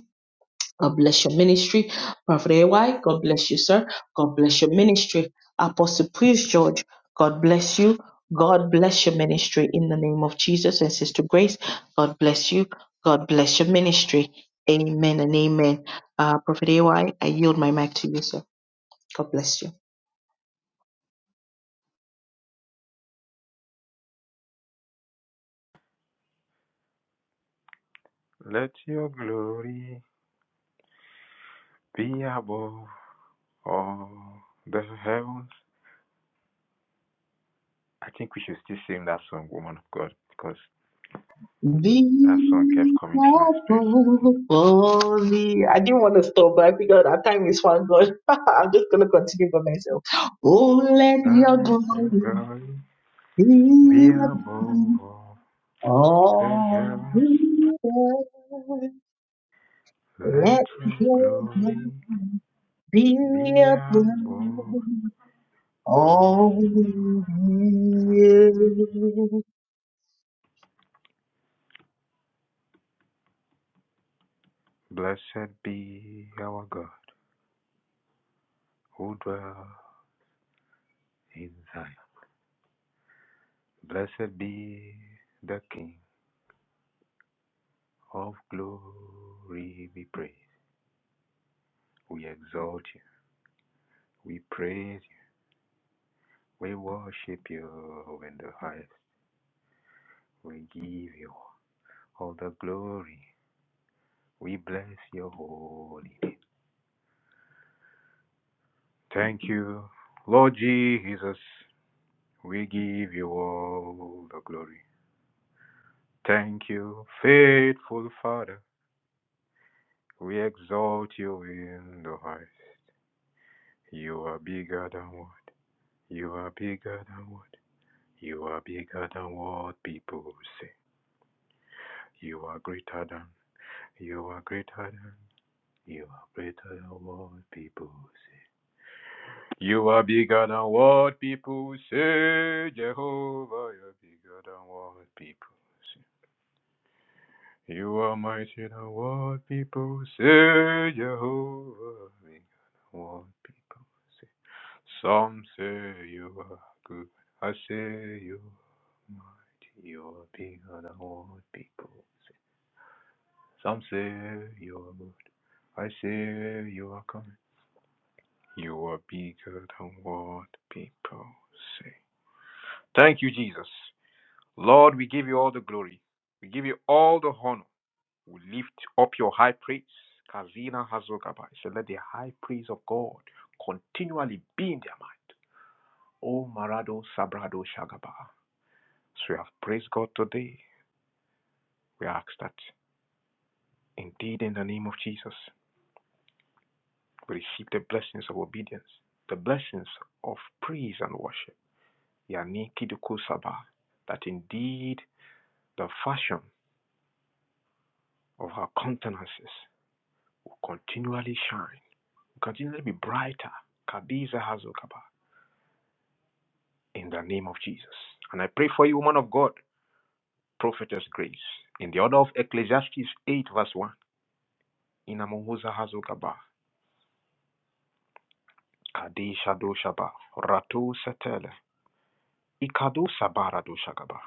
Speaker 1: God bless your ministry. Prophet AY, God bless you, sir. God bless your ministry. Apostle Priest George, God bless you. God bless your ministry in the name of Jesus and Sister Grace. God bless you. God bless your ministry. Amen and amen. Uh, Prophet AY, I yield my mic to you, sir. God bless you.
Speaker 3: Let your glory be above all the heavens I think we should still sing that song, Woman of God, because that song kept
Speaker 1: Be
Speaker 3: coming to my spirit.
Speaker 1: thankful for the- I didn't want to stop, but I figured our time is one God. <laughs> I'm just going to continue by myself. Oh, let your
Speaker 3: Earth and
Speaker 1: glory.
Speaker 3: glory
Speaker 1: Be
Speaker 3: be above all the
Speaker 1: all
Speaker 3: heavens.
Speaker 1: the
Speaker 3: Let
Speaker 1: Let
Speaker 3: your
Speaker 1: your love
Speaker 3: glory
Speaker 1: be
Speaker 3: be above
Speaker 1: above
Speaker 3: all
Speaker 1: all the
Speaker 3: the Blessed be our God who dwells in Zion. Blessed be the King of glory, we praise. We exalt you. We praise you. We worship you in the highest. We give you all the glory. We bless your holy name. Thank you, Lord Jesus. We give you all the glory. Thank you, faithful Father. We exalt you in the highest. You are bigger than what? You are bigger than what? You are bigger than what people say. You are greater than. You are greater than. You are greater than what people say. You are bigger than what people say. Jehovah, you're bigger than what people say. You are mightier than what people say. Jehovah, bigger than what people say. Some say you are good. I say you are mighty. You are bigger than what people say. Some say you are good. I say you are coming. You are bigger than what people say. Thank you, Jesus. Lord, we give you all the glory. We give you all the honor. We lift up your high praise. Kazina Hazogaba. So let the high praise of God continually be in their mind. Oh Marado Sabrado Shagaba. So we have praised God today. We ask that indeed in the name of Jesus, we receive the blessings of obedience, the blessings of praise and worship Yani Yanikidkusaba, that indeed the fashion of her countenances will continually shine, will continually be brighter. Kadiza Hazokaba, in the name of Jesus. And I pray for you, woman of God, prophetess Grace, in the order of Ecclesiastes 8, verse 1. Inamuhuza Hazokaba, Kadisha Doshaba, Rato Setele, Ikado Sabara Doshagaba.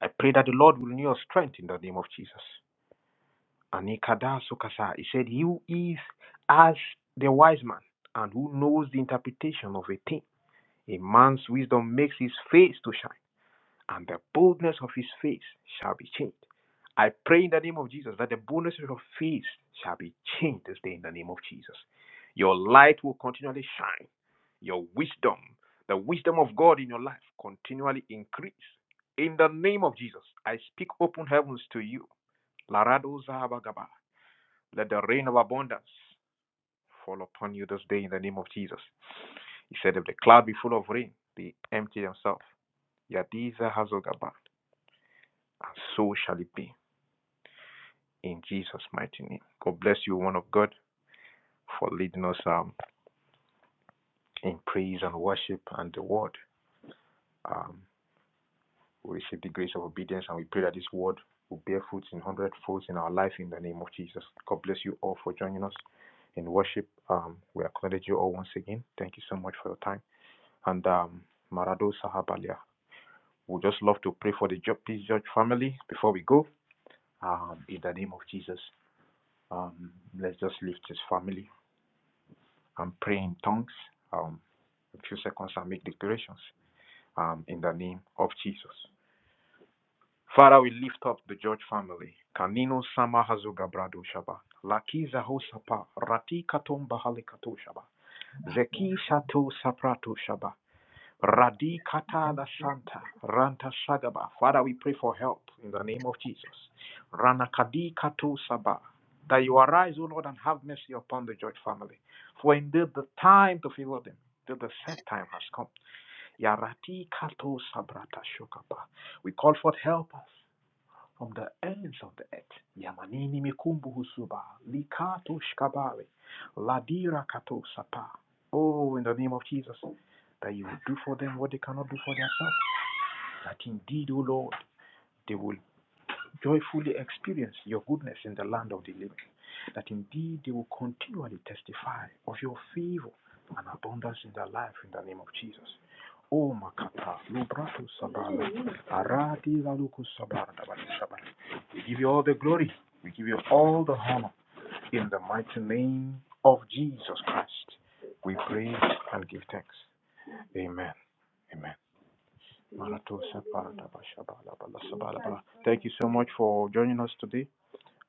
Speaker 3: I pray that the Lord will renew your strength in the name of Jesus. Anikada Sukasa. He said, He who is as the wise man and who knows the interpretation of a thing. A man's wisdom makes his face to shine, and the boldness of his face shall be changed. I pray in the name of Jesus that the boldness of your face shall be changed this day in the name of Jesus. Your light will continually shine. Your wisdom, the wisdom of God in your life, continually increase. In the name of Jesus, I speak open heavens to you. Larado Zahabagaba. Let the rain of abundance fall upon you this day in the name of Jesus. He said, If the cloud be full of rain, they empty themselves. Yadiza Hazogabad. And so shall it be in Jesus' mighty name. God bless you, one of God, for leading us um, in praise and worship and the word. Um, we receive the grace of obedience and we pray that this word will bear fruit in hundred folds in our life in the name of Jesus. God bless you all for joining us in worship. Um, we acknowledge you all once again. Thank you so much for your time. and um, Marado Sahabalia. We just love to pray for the Ju- Peace Church family before we go. Um, in the name of Jesus, um, let's just lift this family and pray in tongues. Um, a few seconds and make declarations. Um, in the name of Jesus. Father, we lift up the George family. Kanino sama hazuga brado shaba. Laki zaho sapa. Rati katom bahali kato shaba. Zeki shato saprato shaba. Radikata da Santa, Ranta Shagaba. Father, we pray for help in the name of Jesus. Ranakadi Katu Saba. That you arise, O Lord, and have mercy upon the George family. For indeed the time to favor them, till the set time has come. Yarati Kato Sabrata Shokaba. We call forth help us from the ends of the earth. Yamanini mikumbu husuba, likato shkabare, ladira kato sapa. Oh, in the name of Jesus, that you will do for them what they cannot do for themselves. That indeed, O Lord, they will joyfully experience your goodness in the land of the living, that indeed they will continually testify of your favor and abundance in their life in the name of Jesus. O Makata, Lubratu Sabala, Arati Laluku Sabala, Dabali We give you all the glory, we give you all the honor in the mighty name of Jesus Christ. We pray and give thanks. Amen. Amen. Thank you so much for joining us today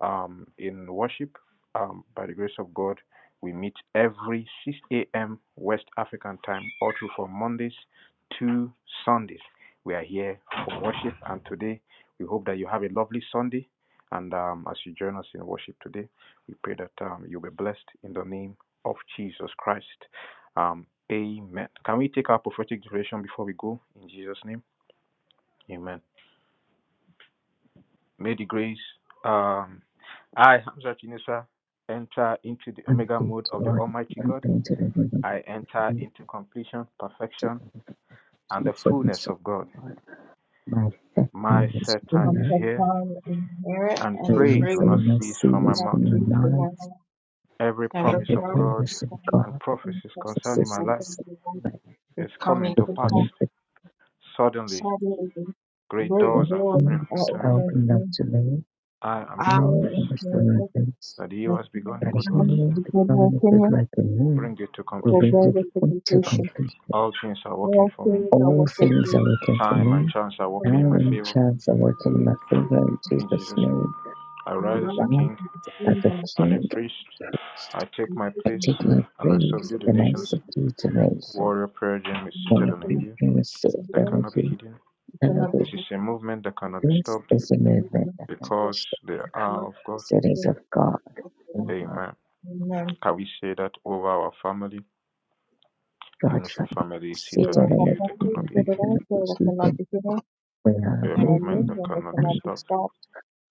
Speaker 3: um, in worship. Um, by the grace of God, we meet every 6 a.m. West African time, all through from Mondays to Sundays. We are here for worship, and today we hope that you have a lovely Sunday. And um, as you join us in worship today, we pray that um, you'll be blessed in the name of Jesus Christ. Um, amen. Can we take our prophetic declaration before we go in Jesus' name? Amen. May the grace, um, I, Hamza Chinesa, enter into the
Speaker 2: and
Speaker 3: Omega
Speaker 2: the
Speaker 3: mode of the
Speaker 2: joy
Speaker 3: Almighty
Speaker 2: and
Speaker 3: God.
Speaker 2: into the heaven
Speaker 3: I
Speaker 2: of
Speaker 3: enter
Speaker 2: the
Speaker 3: into completion, perfection,
Speaker 2: physical
Speaker 3: and the
Speaker 2: for the
Speaker 3: fullness of God.
Speaker 2: support. My
Speaker 3: My
Speaker 2: family is
Speaker 3: set time
Speaker 1: From
Speaker 3: is
Speaker 2: here.
Speaker 1: the
Speaker 3: here,
Speaker 1: Father and Spirit
Speaker 3: and
Speaker 1: and
Speaker 3: praise
Speaker 1: praise
Speaker 3: will not
Speaker 2: Raising my
Speaker 3: cease from
Speaker 1: the
Speaker 3: my
Speaker 2: seeds
Speaker 1: Lord
Speaker 3: mouth.
Speaker 2: from your
Speaker 1: be the
Speaker 2: life
Speaker 1: Lord.
Speaker 3: Every
Speaker 1: Have a
Speaker 2: and
Speaker 3: promise
Speaker 2: the
Speaker 3: of
Speaker 1: promise
Speaker 3: God
Speaker 1: to
Speaker 2: goodness of
Speaker 1: come
Speaker 2: God.
Speaker 3: and
Speaker 1: and
Speaker 3: prophecies
Speaker 1: prophecy
Speaker 3: concerning
Speaker 2: success
Speaker 3: my
Speaker 1: from
Speaker 3: life
Speaker 1: the
Speaker 2: is
Speaker 1: Lord
Speaker 2: like
Speaker 1: is
Speaker 3: is
Speaker 1: coming
Speaker 3: coming
Speaker 2: the
Speaker 3: to
Speaker 1: to
Speaker 3: pass.
Speaker 1: pass.
Speaker 2: current
Speaker 3: Suddenly,
Speaker 1: Suddenly,
Speaker 3: great doors
Speaker 1: great
Speaker 3: are
Speaker 1: doors
Speaker 3: opening
Speaker 1: are
Speaker 2: workflows
Speaker 3: unto me.
Speaker 2: are
Speaker 1: opening to
Speaker 2: not
Speaker 1: me.
Speaker 2: to me.
Speaker 3: I am
Speaker 1: I
Speaker 3: sure of
Speaker 2: No
Speaker 3: this,
Speaker 1: am here.
Speaker 2: restaurants,
Speaker 3: that he
Speaker 1: My
Speaker 3: who has begun the good work
Speaker 1: God,
Speaker 3: in
Speaker 2: particularly
Speaker 3: me
Speaker 1: the good work
Speaker 2: becoming a good
Speaker 1: in us
Speaker 2: like a
Speaker 3: will
Speaker 2: moon,
Speaker 3: bring it to
Speaker 2: will
Speaker 1: will
Speaker 3: completion.
Speaker 2: bring
Speaker 1: bring us to
Speaker 2: it to
Speaker 1: completion.
Speaker 2: complete.
Speaker 3: All things are working
Speaker 1: All
Speaker 3: for me.
Speaker 1: things are
Speaker 2: All
Speaker 1: working for
Speaker 2: things are
Speaker 1: me
Speaker 2: working for
Speaker 3: Time and
Speaker 2: me.
Speaker 3: chance are working
Speaker 1: from
Speaker 3: in
Speaker 1: my
Speaker 3: my
Speaker 2: Aaron
Speaker 3: favor.
Speaker 2: chants are working in
Speaker 1: spirit.
Speaker 2: my favor in
Speaker 3: In
Speaker 2: Jesus'
Speaker 3: Jesus' name,
Speaker 2: name.
Speaker 3: I
Speaker 1: And
Speaker 3: rise as
Speaker 1: one of
Speaker 2: Love
Speaker 3: a
Speaker 1: these is
Speaker 3: king
Speaker 1: the
Speaker 2: as
Speaker 1: thing
Speaker 2: a
Speaker 1: that I
Speaker 3: and a
Speaker 1: keep
Speaker 2: king
Speaker 3: priest.
Speaker 2: priest.
Speaker 3: I take
Speaker 1: and
Speaker 3: my
Speaker 1: keep
Speaker 2: I
Speaker 3: place
Speaker 1: and
Speaker 2: take my
Speaker 1: keep and
Speaker 3: and
Speaker 1: keep
Speaker 3: I
Speaker 1: and
Speaker 2: praise
Speaker 3: subdue
Speaker 1: keep
Speaker 3: the
Speaker 2: and I
Speaker 3: nations.
Speaker 2: subdue to nation.
Speaker 3: Warrior prayer gym is
Speaker 1: and
Speaker 2: When
Speaker 3: seated
Speaker 2: I
Speaker 1: keep
Speaker 3: on a
Speaker 1: and
Speaker 2: pray
Speaker 3: hill
Speaker 2: and
Speaker 1: keep.
Speaker 2: receive
Speaker 1: So the
Speaker 3: that
Speaker 1: God
Speaker 2: heaven,
Speaker 1: is
Speaker 3: cannot
Speaker 2: he
Speaker 3: be
Speaker 1: going
Speaker 3: hidden.
Speaker 1: to be
Speaker 2: elevate
Speaker 3: This is a movement that cannot be
Speaker 2: This
Speaker 3: stopped
Speaker 2: is a movement
Speaker 1: completed.
Speaker 2: that
Speaker 3: because
Speaker 2: connects the
Speaker 3: they are of God.
Speaker 2: cities of God, movement,
Speaker 3: Amen.
Speaker 1: Amen.
Speaker 3: Can we say that over our family?
Speaker 2: God
Speaker 3: Eunice, our
Speaker 2: family,
Speaker 3: family is
Speaker 1: You
Speaker 2: seated
Speaker 3: seated on
Speaker 1: know,
Speaker 3: a
Speaker 2: on
Speaker 1: the
Speaker 2: the
Speaker 3: hill that
Speaker 1: family is
Speaker 3: cannot
Speaker 2: people
Speaker 3: be
Speaker 2: that
Speaker 1: good at
Speaker 3: hidden.
Speaker 2: cannot be
Speaker 1: answer that cannot
Speaker 2: human.
Speaker 1: be given,
Speaker 2: We
Speaker 3: We
Speaker 2: are
Speaker 3: are a
Speaker 2: a
Speaker 1: and I
Speaker 3: movement
Speaker 1: knew
Speaker 2: movement,
Speaker 3: that
Speaker 1: that they
Speaker 3: cannot be
Speaker 2: and
Speaker 1: cannot be
Speaker 3: stopped
Speaker 1: stopped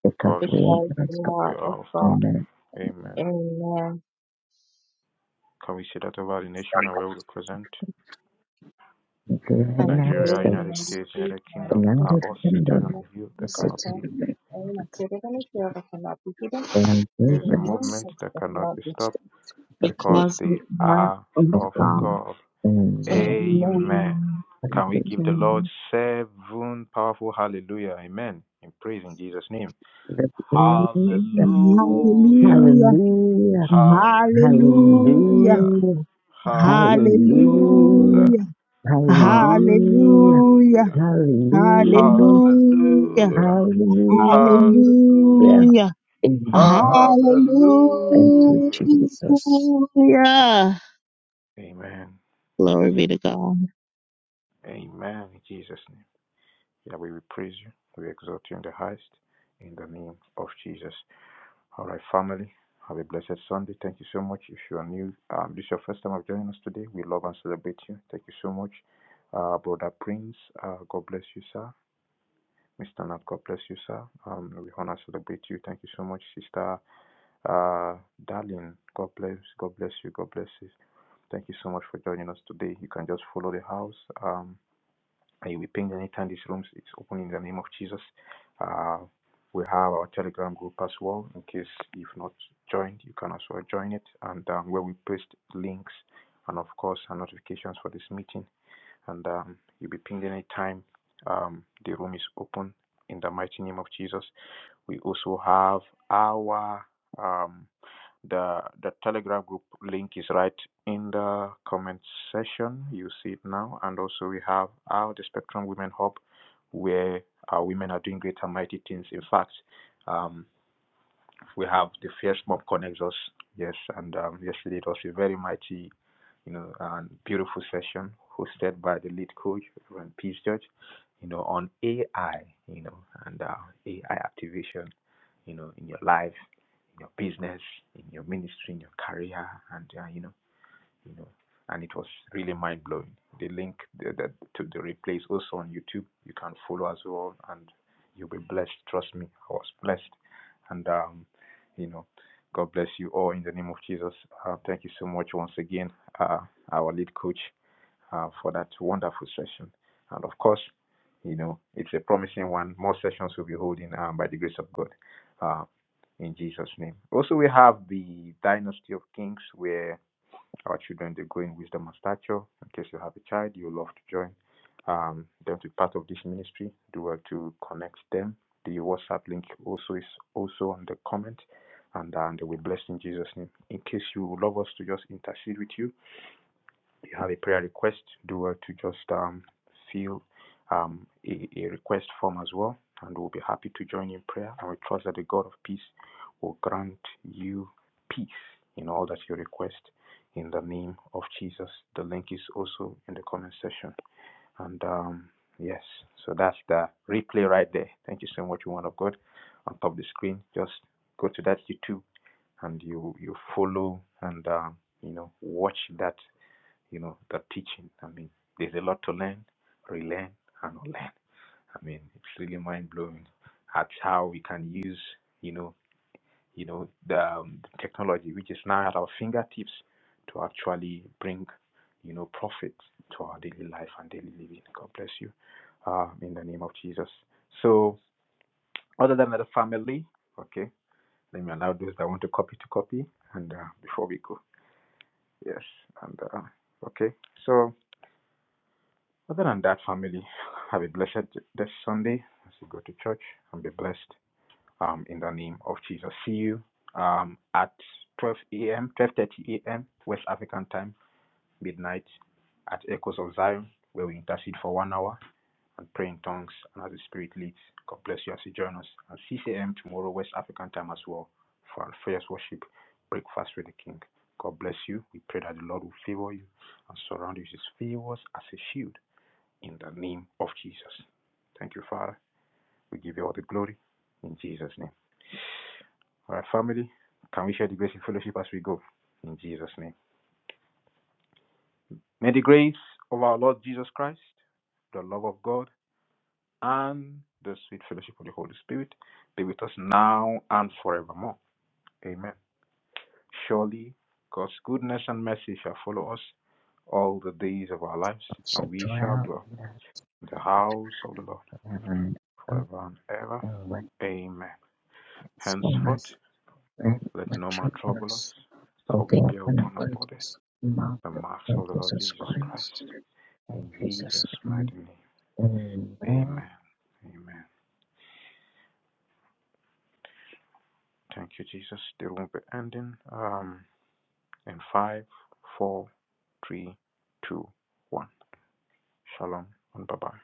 Speaker 2: because
Speaker 3: because
Speaker 2: we
Speaker 1: because
Speaker 2: are
Speaker 1: they
Speaker 3: we
Speaker 1: are
Speaker 2: God,
Speaker 1: of
Speaker 3: are of
Speaker 1: God.
Speaker 3: God.
Speaker 2: movement
Speaker 3: Amen.
Speaker 1: Amen.
Speaker 3: Can we say that over the nation and where we represent?
Speaker 2: in the
Speaker 1: I'm
Speaker 2: United
Speaker 1: very
Speaker 3: Nigeria, United
Speaker 1: united
Speaker 2: States,
Speaker 3: States, United
Speaker 1: by
Speaker 2: the
Speaker 1: the
Speaker 3: Kingdom are
Speaker 1: pain,
Speaker 2: United
Speaker 3: all seated
Speaker 2: Kingdom,
Speaker 3: on a
Speaker 1: not
Speaker 3: hill
Speaker 2: the
Speaker 3: that
Speaker 1: by
Speaker 2: city
Speaker 3: cannot be
Speaker 1: pain.
Speaker 2: of
Speaker 3: hidden.
Speaker 1: I am
Speaker 2: America,
Speaker 1: seated on a chair that cannot be hidden.
Speaker 2: they are
Speaker 3: It
Speaker 1: There
Speaker 3: is
Speaker 1: are
Speaker 3: a
Speaker 1: mountains
Speaker 2: movements
Speaker 3: movement
Speaker 1: that
Speaker 3: that
Speaker 1: that
Speaker 3: cannot
Speaker 1: cannot
Speaker 3: be
Speaker 1: be
Speaker 3: stopped
Speaker 2: the fear
Speaker 3: because
Speaker 1: because
Speaker 3: they
Speaker 1: we are
Speaker 3: are
Speaker 1: of
Speaker 2: of
Speaker 3: of
Speaker 2: God.
Speaker 1: God.
Speaker 3: God.
Speaker 2: Amen.
Speaker 3: Amen.
Speaker 1: Amen.
Speaker 3: Can we give the Lord
Speaker 1: Amen.
Speaker 3: seven powerful hallelujah? Amen. In praise in Jesus' name.
Speaker 2: Hallelujah.
Speaker 3: Hallelujah.
Speaker 1: Hallelujah.
Speaker 2: Hallelujah.
Speaker 3: Hallelujah.
Speaker 2: Hallelujah.
Speaker 1: Hallelujah.
Speaker 2: Hallelujah,
Speaker 3: Hallelujah.
Speaker 1: Hallelujah.
Speaker 2: hallelujah,
Speaker 1: Hallelujah.
Speaker 3: Hallelujah.
Speaker 2: hallelujah,
Speaker 1: Hallelujah.
Speaker 3: Hallelujah.
Speaker 2: hallelujah.
Speaker 3: Hallelujah.
Speaker 1: Hallelujah.
Speaker 2: Amen. And to
Speaker 3: Hallelujah.
Speaker 2: Jesus,
Speaker 1: Hallelujah.
Speaker 3: Amen.
Speaker 1: Glory be to God.
Speaker 3: Amen. In Jesus' name. Yeah, we will praise you. We exalt you in the highest. In the name of Jesus. All right, family. Have a blessed Sunday. Thank you so much. If you are new, um, this is your first time of joining us today. We love and celebrate you. Thank you so much, uh, Brother Prince. Uh, God bless you, sir. Mr. Nat, God bless you, sir. Um, we honor celebrate you. Thank you so much, Sister uh, Darling. God bless, God bless you, God bless you. Thank you so much for joining us today. You can just follow the house. Um, and you'll be pinged anytime this rooms is open in the name of Jesus. Uh, we have our Telegram group as well. In case you've not joined, you can also join it, and um, where we post links and of course our notifications for this meeting and um, you'll be pinged anytime um, the room is open in the mighty name of Jesus. We also have our um, the the Telegram group link is right in the comment section. You see it now, and also we have our the Spectrum Women Hub, where our women are doing great and mighty things. In fact, um, we have the fierce mob connects us. Yes, and um, yesterday it was a very mighty, you know, and beautiful session hosted by the lead coach, Reverend Peace Judge, you know, on AI, you know, and uh, AI activation, you know, in your life, in your business, in your ministry, in your career, and uh, you know you know, and it was really mind blowing. The link that to the replays also on YouTube. You can follow as well, and you'll be blessed. Trust me, I was blessed, and um, you know, God bless you all in the name of Jesus. Uh, thank you so much once again, uh, our lead coach, uh, for that wonderful session, and of course, you know, it's a promising one. More sessions will be holding um, by the grace of God. Uh, in Jesus' name. Also, we have the Dynasty of Kings, where our children, they grow in wisdom and stature. In case you have a child, you love to join um, them to be part of this ministry. Do well to connect them. The WhatsApp link also is also on the comment, and, and we're blessed in Jesus' name. In case you would love us to just intercede with you, you have a prayer request, do well to just um, fill um, a, a request form as well, and we'll be happy to join in prayer. And we trust that the God of peace will grant you peace in all that you request in the name of Jesus. The link is also in the comment section. And um, yes, so that's the replay right there. Thank you so much, woman of God. On top of the screen, just go to that YouTube and you you follow and um, you know watch that you know, the teaching. I mean, there's a lot to learn, relearn, and unlearn. I mean, it's really mind blowing at how we can use, you know, you know, the, um, the technology which is now at our fingertips to actually bring, you know, profit to our daily life and daily living. God bless you, uh, in the name of Jesus. So, other than the family, okay, let me allow those that want to copy to copy, and uh, before we go, yes, and uh, okay, so. Other than that, family, have a blessed this Sunday as you go to church and be blessed um, in the name of Jesus. See you um, at 12 a.m., 12.30 a.m. West African time, midnight at Echoes of Zion, where we intercede for one hour and pray in tongues and as the Spirit leads. God bless you as you join us. At 6 a.m. tomorrow, West African time as well, for our first worship, breakfast with the King. God bless you. We pray that the Lord will favor you and surround you with his favors as a shield in the name of Jesus. Thank you, Father. We give you all the glory in Jesus' name. All right, family, can we share the grace in fellowship as we go? In Jesus' name. May the grace of our Lord Jesus Christ, the love of God, and the sweet fellowship of the Holy Spirit be with us now and forevermore. Amen. Surely God's goodness and mercy shall follow us all the days of our lives,
Speaker 2: I
Speaker 3: and
Speaker 2: shall
Speaker 3: we shall
Speaker 2: dwell
Speaker 3: dwell
Speaker 2: in the
Speaker 3: in the house of the Lord
Speaker 2: forever and ever.
Speaker 3: forever and ever.
Speaker 2: And when
Speaker 3: Amen.
Speaker 2: it's
Speaker 3: Henceforth,
Speaker 2: fullness, and
Speaker 3: Let no man trouble us,
Speaker 2: matureness,
Speaker 3: for
Speaker 2: of the
Speaker 3: we
Speaker 2: open up
Speaker 3: bear
Speaker 2: an
Speaker 3: upon our bodies
Speaker 2: abundance, mouth
Speaker 3: the
Speaker 2: of
Speaker 3: marks of the Lord
Speaker 2: Jesus
Speaker 3: Jesus Christ.
Speaker 2: Christ. and
Speaker 3: In
Speaker 2: Jesus'
Speaker 3: Jesus'
Speaker 2: name,
Speaker 3: mighty name.
Speaker 2: amen
Speaker 3: Amen. Amen. Thank you, Jesus. They won't be ending. Um, in five, four, three, two, one. Shalom and bye bye.